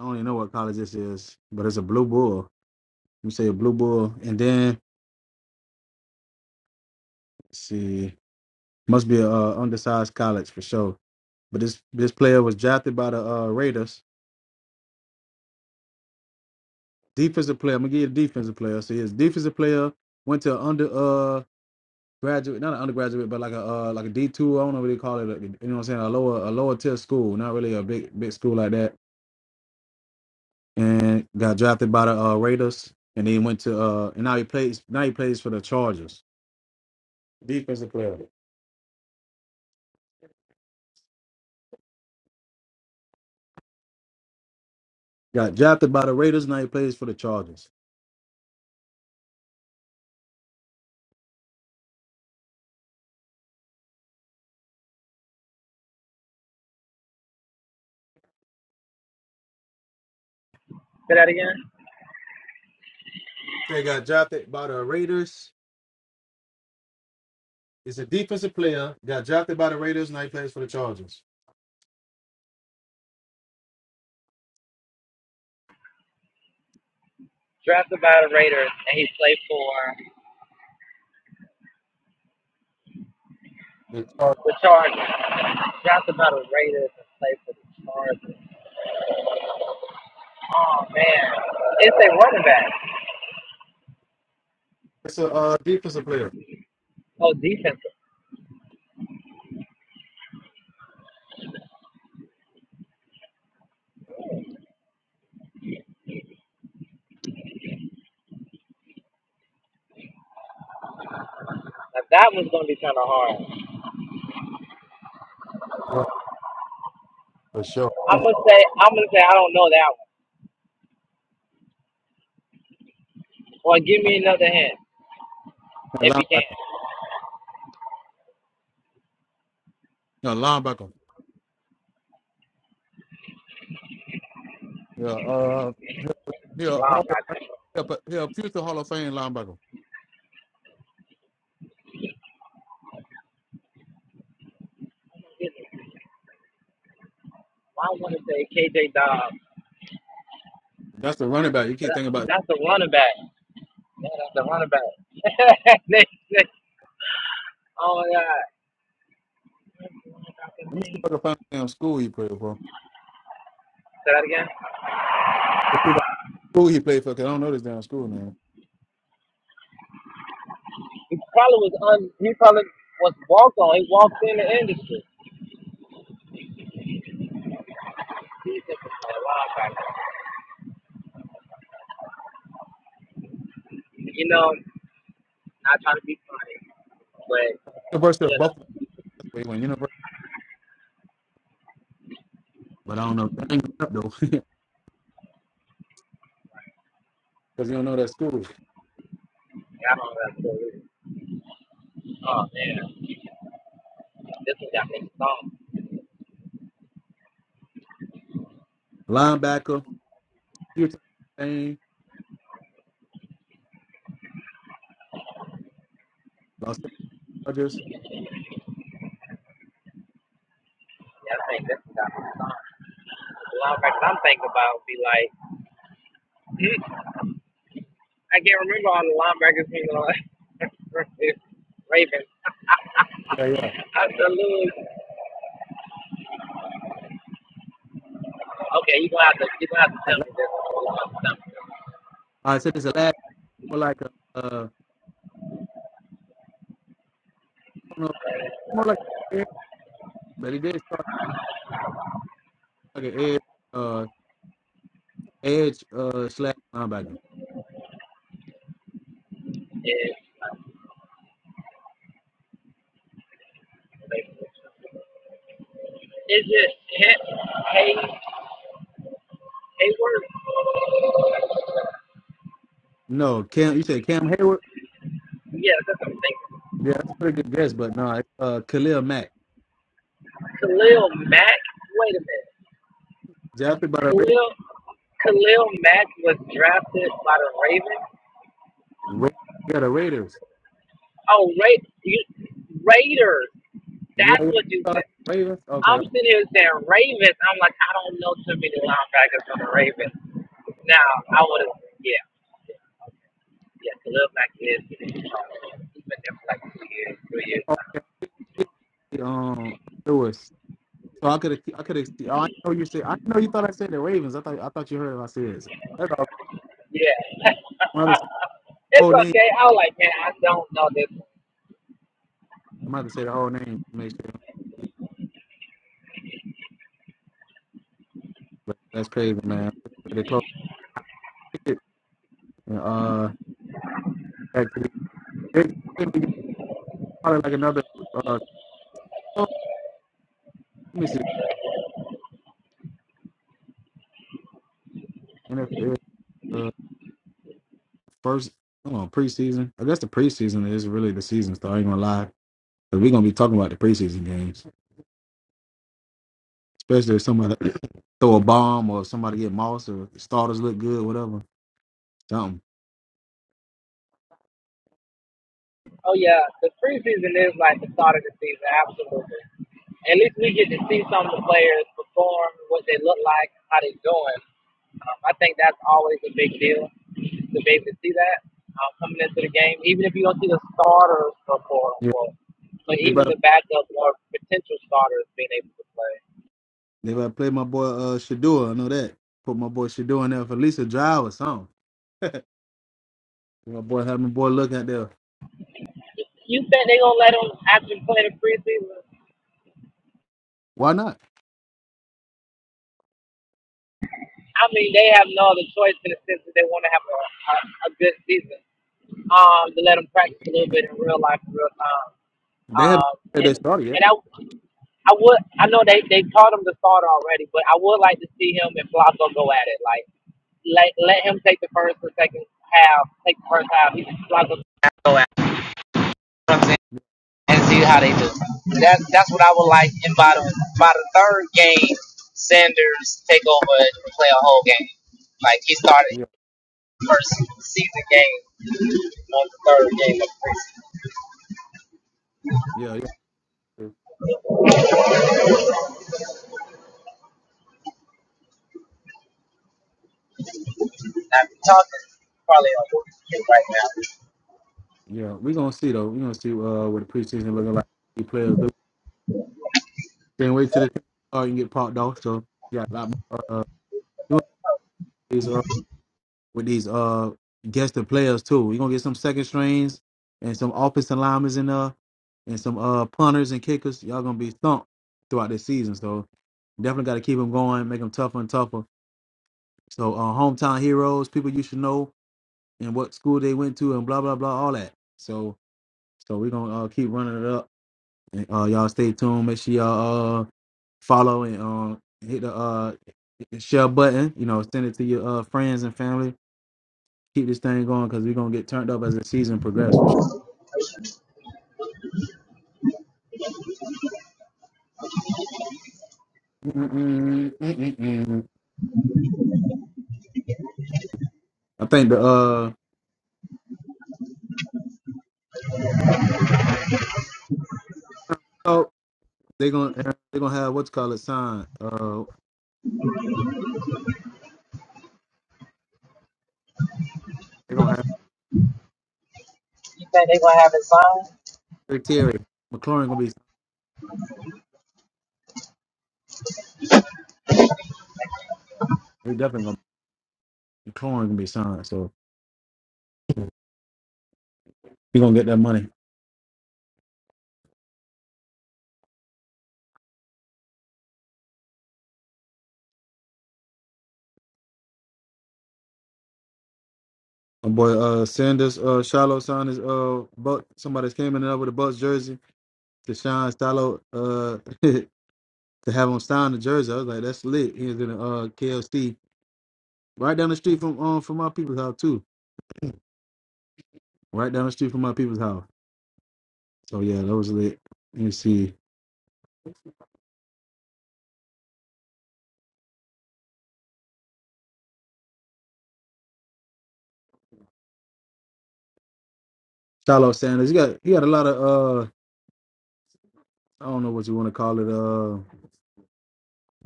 don't even know what college this is, but it's a blue bull. Let me say a blue bull, and then let's see, must be a uh, undersized college for sure. But this this player was drafted by the uh, Raiders. Defensive player. I'm gonna give you a defensive player. So he's a defensive player. Went to under uh graduate, not an undergraduate, but like a uh, like a D two. I don't know what they call it. like, You know what I'm saying? A lower a lower tier school, not really a big big school like that. And got drafted by the uh, Raiders, and then went to uh, and now he plays now he plays for the Chargers. Defensive player. Got drafted by the Raiders. Now he plays for the Chargers. They got drafted by the Raiders. It's a defensive player. Got drafted by the Raiders. Now he plays for the Chargers. The Chargers.
That's about a Raiders and play for the Chargers. Oh man, it's a running back.
It's a uh, defensive player.
Oh, defensive. Now that was gonna
Yeah, for sure. A linebacker.
change.
A linebacker. Yeah, uh, yeah, yeah, Hall of Fame, yeah, but- yeah, future Hall of Fame linebacker.
I want to say KJ Dobbs,
That's the running back. You
but
keep thinking about.
that's a running back. Yeah, that's a running back. oh my God,
Let me see if I can find the damn school he played for.
say that again.
Let's see what School he played for, because I don't know this damn school now.
He probably was un. He probably was walked on. He walked in the industry. Defensive player, linebacker. You know, not trying to be funny, but
University of
you
Buffalo.
know,
That's where he went. University, but I don't know. I ain't gonna look up though, because you don't know that school.
I don't know that story. Oh man. This is y'all next song.
Linebacker, future Hall of Fame, Los Angeles.
Y'all think this is y'all next song. The linebackers I'm thinking about would be like, mm, I can't remember all the linebackers from the Ravens.
Yeah, yeah.
I salute. Okay, you gonna have to you gonna have to
All
tell me this. You gonna have to tell
right, so this is the last more like a, uh, I don't know, more like an edge, but he did start like an edge, uh, edge, uh, slash linebacker.
me this. Is it Hay Hay Hayward?
No, Cam. You said Cam Hayward.
Yeah, that's what I'm
Yeah, that's a pretty good guess, but no, it's uh, Khalil Mack.
thinking. Khalil Mack. Wait a
Drafted by
minute.
the Raiders.
Khalil Khalil Mack was drafted by the Ravens.
Ra- yeah, the Raiders.
Oh, Ra- you, Raiders.
Yeah,
That's
yeah.
what you
Sorry,
said.
Ravens. Okay,
I'm sitting here saying Ravens. I'm like, I don't know too many linebackers on the Ravens. Now, I would have, yeah, yeah, to live like this. He's been there for like two years, three years now.
okay. Um, Lewis. So I could, I could. I didn't know you said. I didn't know you thought I said the Ravens. I thought, I thought you heard what I said. That's all.
Yeah.
I'm gonna say the
it's
whole name.
okay. I was like, man, I don't know this.
I'm gonna say the whole name. to Make sure. But that's crazy, man. They close it. uh, that could be- they- they got probably like another. Uh, let me see. NFL. first, I don't know, preseason. I guess the preseason is really the season, so I ain't gonna lie. Because we're gonna be talking about the preseason games, especially if somebody throw a bomb or somebody get mossed or starters look good, whatever. Something.
Oh yeah, the preseason is like the start of the season, absolutely. At least we get to see some of the players perform, what they look like, how they doing. Um, I think that's always a big deal to be able to see that um, coming into the game, even if you don't see the starters or quote
Yeah.
unquote, but
They about
even the backup or potential starters being able to play.
They better play my boy uh Shadua. I know that. Put my boy Shadua in there for at least a drive or something. my boy have my boy look out there.
You think they gonna let them actually play in the preseason?
Why not?
I mean, they have no other choice in the sense that they want to have a, a, a good season. Um, to let them practice a little bit in real life, in real time.
They haven't
Um,
said
and,
they started
and
yet.
I, I would, I know they they taught him to start already, but I would like to see him and Blanco go at it. Like let let him take the first and second half, take the first half. He Blanco go at. It, you know what I'm saying? And see how they do. That's that's what I would like. And by the by the third game, Sanders take over and play a whole game. Like he started
Yeah,
first season game on the third game.
yeah, yeah.
I've been talking probably on him right now.
Yeah. We're gonna see though. We're gonna see uh what the preseason looking like these players do. Can't wait till the start and get popped off. So yeah, a lot more uh doing these with these uh guested players too. We're gonna get some second strings and some offensive linemen in there and some uh punters and kickers. Y'all gonna be thumped throughout this season. So definitely got to keep them going, make them tougher and tougher. So uh, hometown heroes, people you should know, and what school they went to, and blah blah blah, all that. So so we're gonna uh, keep running it up. And, uh, y'all stay tuned. Make sure y'all uh, follow and uh, hit the uh, share button. You know, send it to your uh, friends and family keep this thing going because we're gonna get turned up as the season progresses for sure. Mm-mm, mm I think the uh oh they're gonna they're gonna have what's called a sign. Uh they're gonna have
You think they gonna have it signed?
Rick Terry. McLaurin gonna be they definitely gonna McLaurin gonna be signed. So we gonna get that money. My boy uh Sanders uh Shiloh signed his uh Buck somebody's came in there with a Bucks jersey. to Sean Stallo uh to have him sign the jersey. I was like, that's lit. He was in the uh KLC right down the street from um from my people's house too. Right down the street from my people's house. So yeah, that was lit. Let me see. Stallo Sanders. He got he got a lot of uh I don't know what you want to call it, uh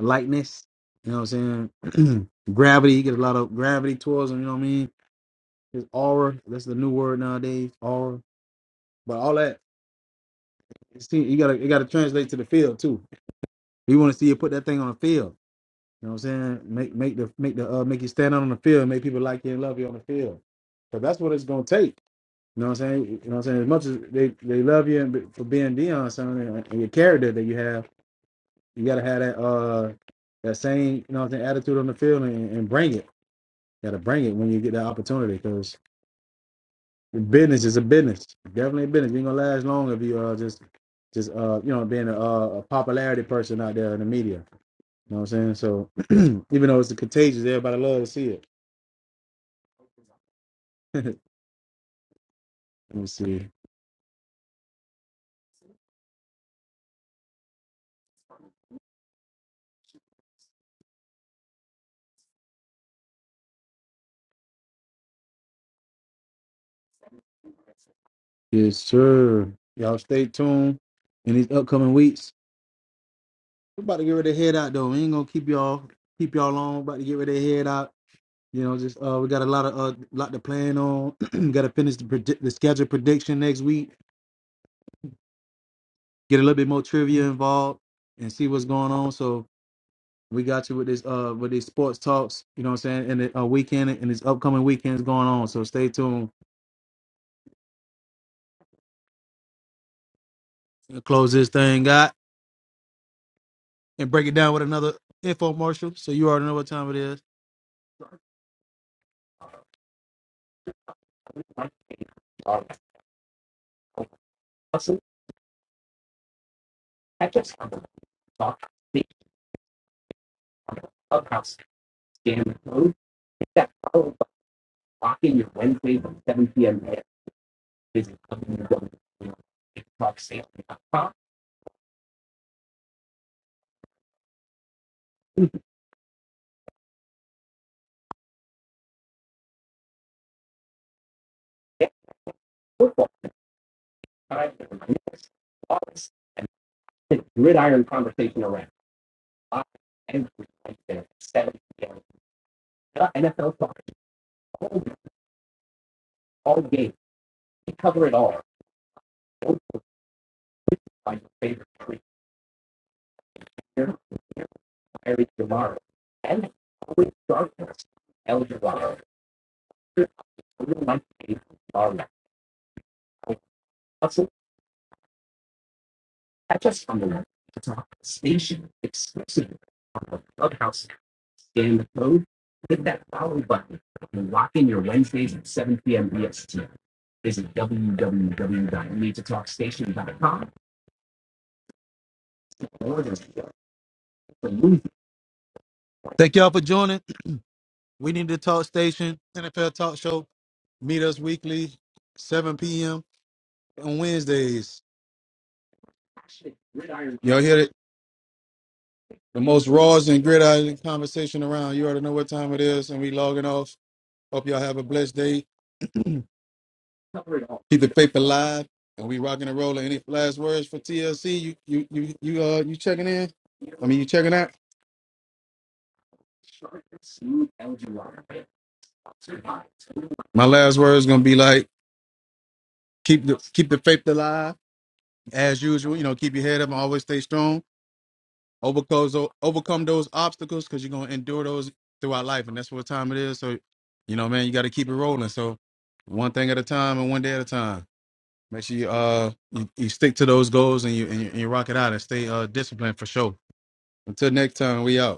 lightness. You know what I'm saying? gravity, He get a lot of gravity towards him, you know what I mean? His aura, that's the new word nowadays, aura. But all that, see, you gotta, you gotta translate to the field too. You want to see you put that thing on the field. You know what I'm saying? Make make the make the uh make you stand out on the field, and make people like you and love you on the field. Cause that's what it's gonna take. You know what I'm saying? You know what I'm saying? As much as they, they love you and be- for being Dion, son, and and your character that you have, you gotta have that uh that same you know what I'm saying attitude on the field and, and bring it. gotta bring it when you get that opportunity, cause business is a business. Definitely a business. You ain't gonna last long if you uh just just uh you know being a, uh, a popularity person out there in the media. You know what I'm saying? So even though it's contagious, everybody loves to see it. Let me see. Yes, sir. Y'all stay tuned in these upcoming weeks. We're about to get ready to head out though. We ain't gonna keep y'all keep y'all long. About to get ready to head out. You know, just uh, we got a lot of uh, lot to plan on. got to finish the predi- the schedule prediction next week. Get a little bit more trivia involved and see what's going on. So we got you with this uh with these sports talks. You know what I'm saying? And the uh, weekend and this upcoming weekend's going on. So stay tuned. Close this thing, out. and break it down with another infomercial. So you already know what time it is. Also, catch us on the Clubhouse, the Clubhouse Scam Road. That follow the Lock-In your Wednesdays at 7 p.m. at Visit www.talksales.com. Thank y'all for joining. We need to talk station, NFL talk show. Meet us weekly, 7 p.m. on Wednesdays. Y'all hear it? The most raws and gridiron conversation around. You already know what time it is, and we logging off. Hope y'all have a blessed day. Keep the faith alive, and we rocking and rolling. Any last words for TLC? You you you you uh you checking in? I mean, you checking out? My last words gonna be like keep the keep the faith alive as usual. You know, keep your head up and always stay strong. Overcome those overcome those obstacles because you're gonna endure those throughout life, and that's what time it is. So, you know, man, you got to keep it rolling. So, one thing at a time and one day at a time. Make sure you uh you, you stick to those goals and you, and you and you rock it out and stay uh disciplined for sure. Until next time, we out.